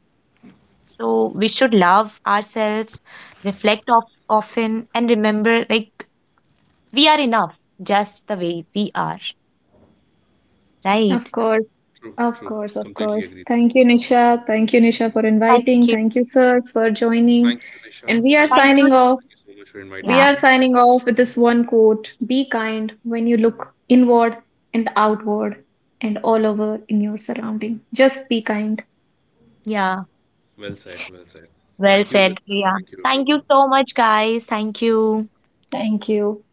so we should love ourselves, reflect of, often, and remember, like, we are enough just the way we are,
Of
right?
course.
True,
Of
true.
course, of
Completely
course.
agree there.
Thank you, Nisha. Thank you, Nisha, for
Thank you.
inviting. Thank you, sir, for joining.
Thank you,
And
Nisha.
we are
Thank
Thank
you.
you.
signing off.
Thank you so much for
We
inviting
Yeah.
are
me.
signing off with this one quote: Be kind when you look inward and outward and all over in your surrounding. Just be kind.
Yeah.
Well said, well said.
Well
Thank you,
said,
listeners.
Priya.
Thank you,
Thank you
everyone.
so much, guys. Thank you.
Thank you.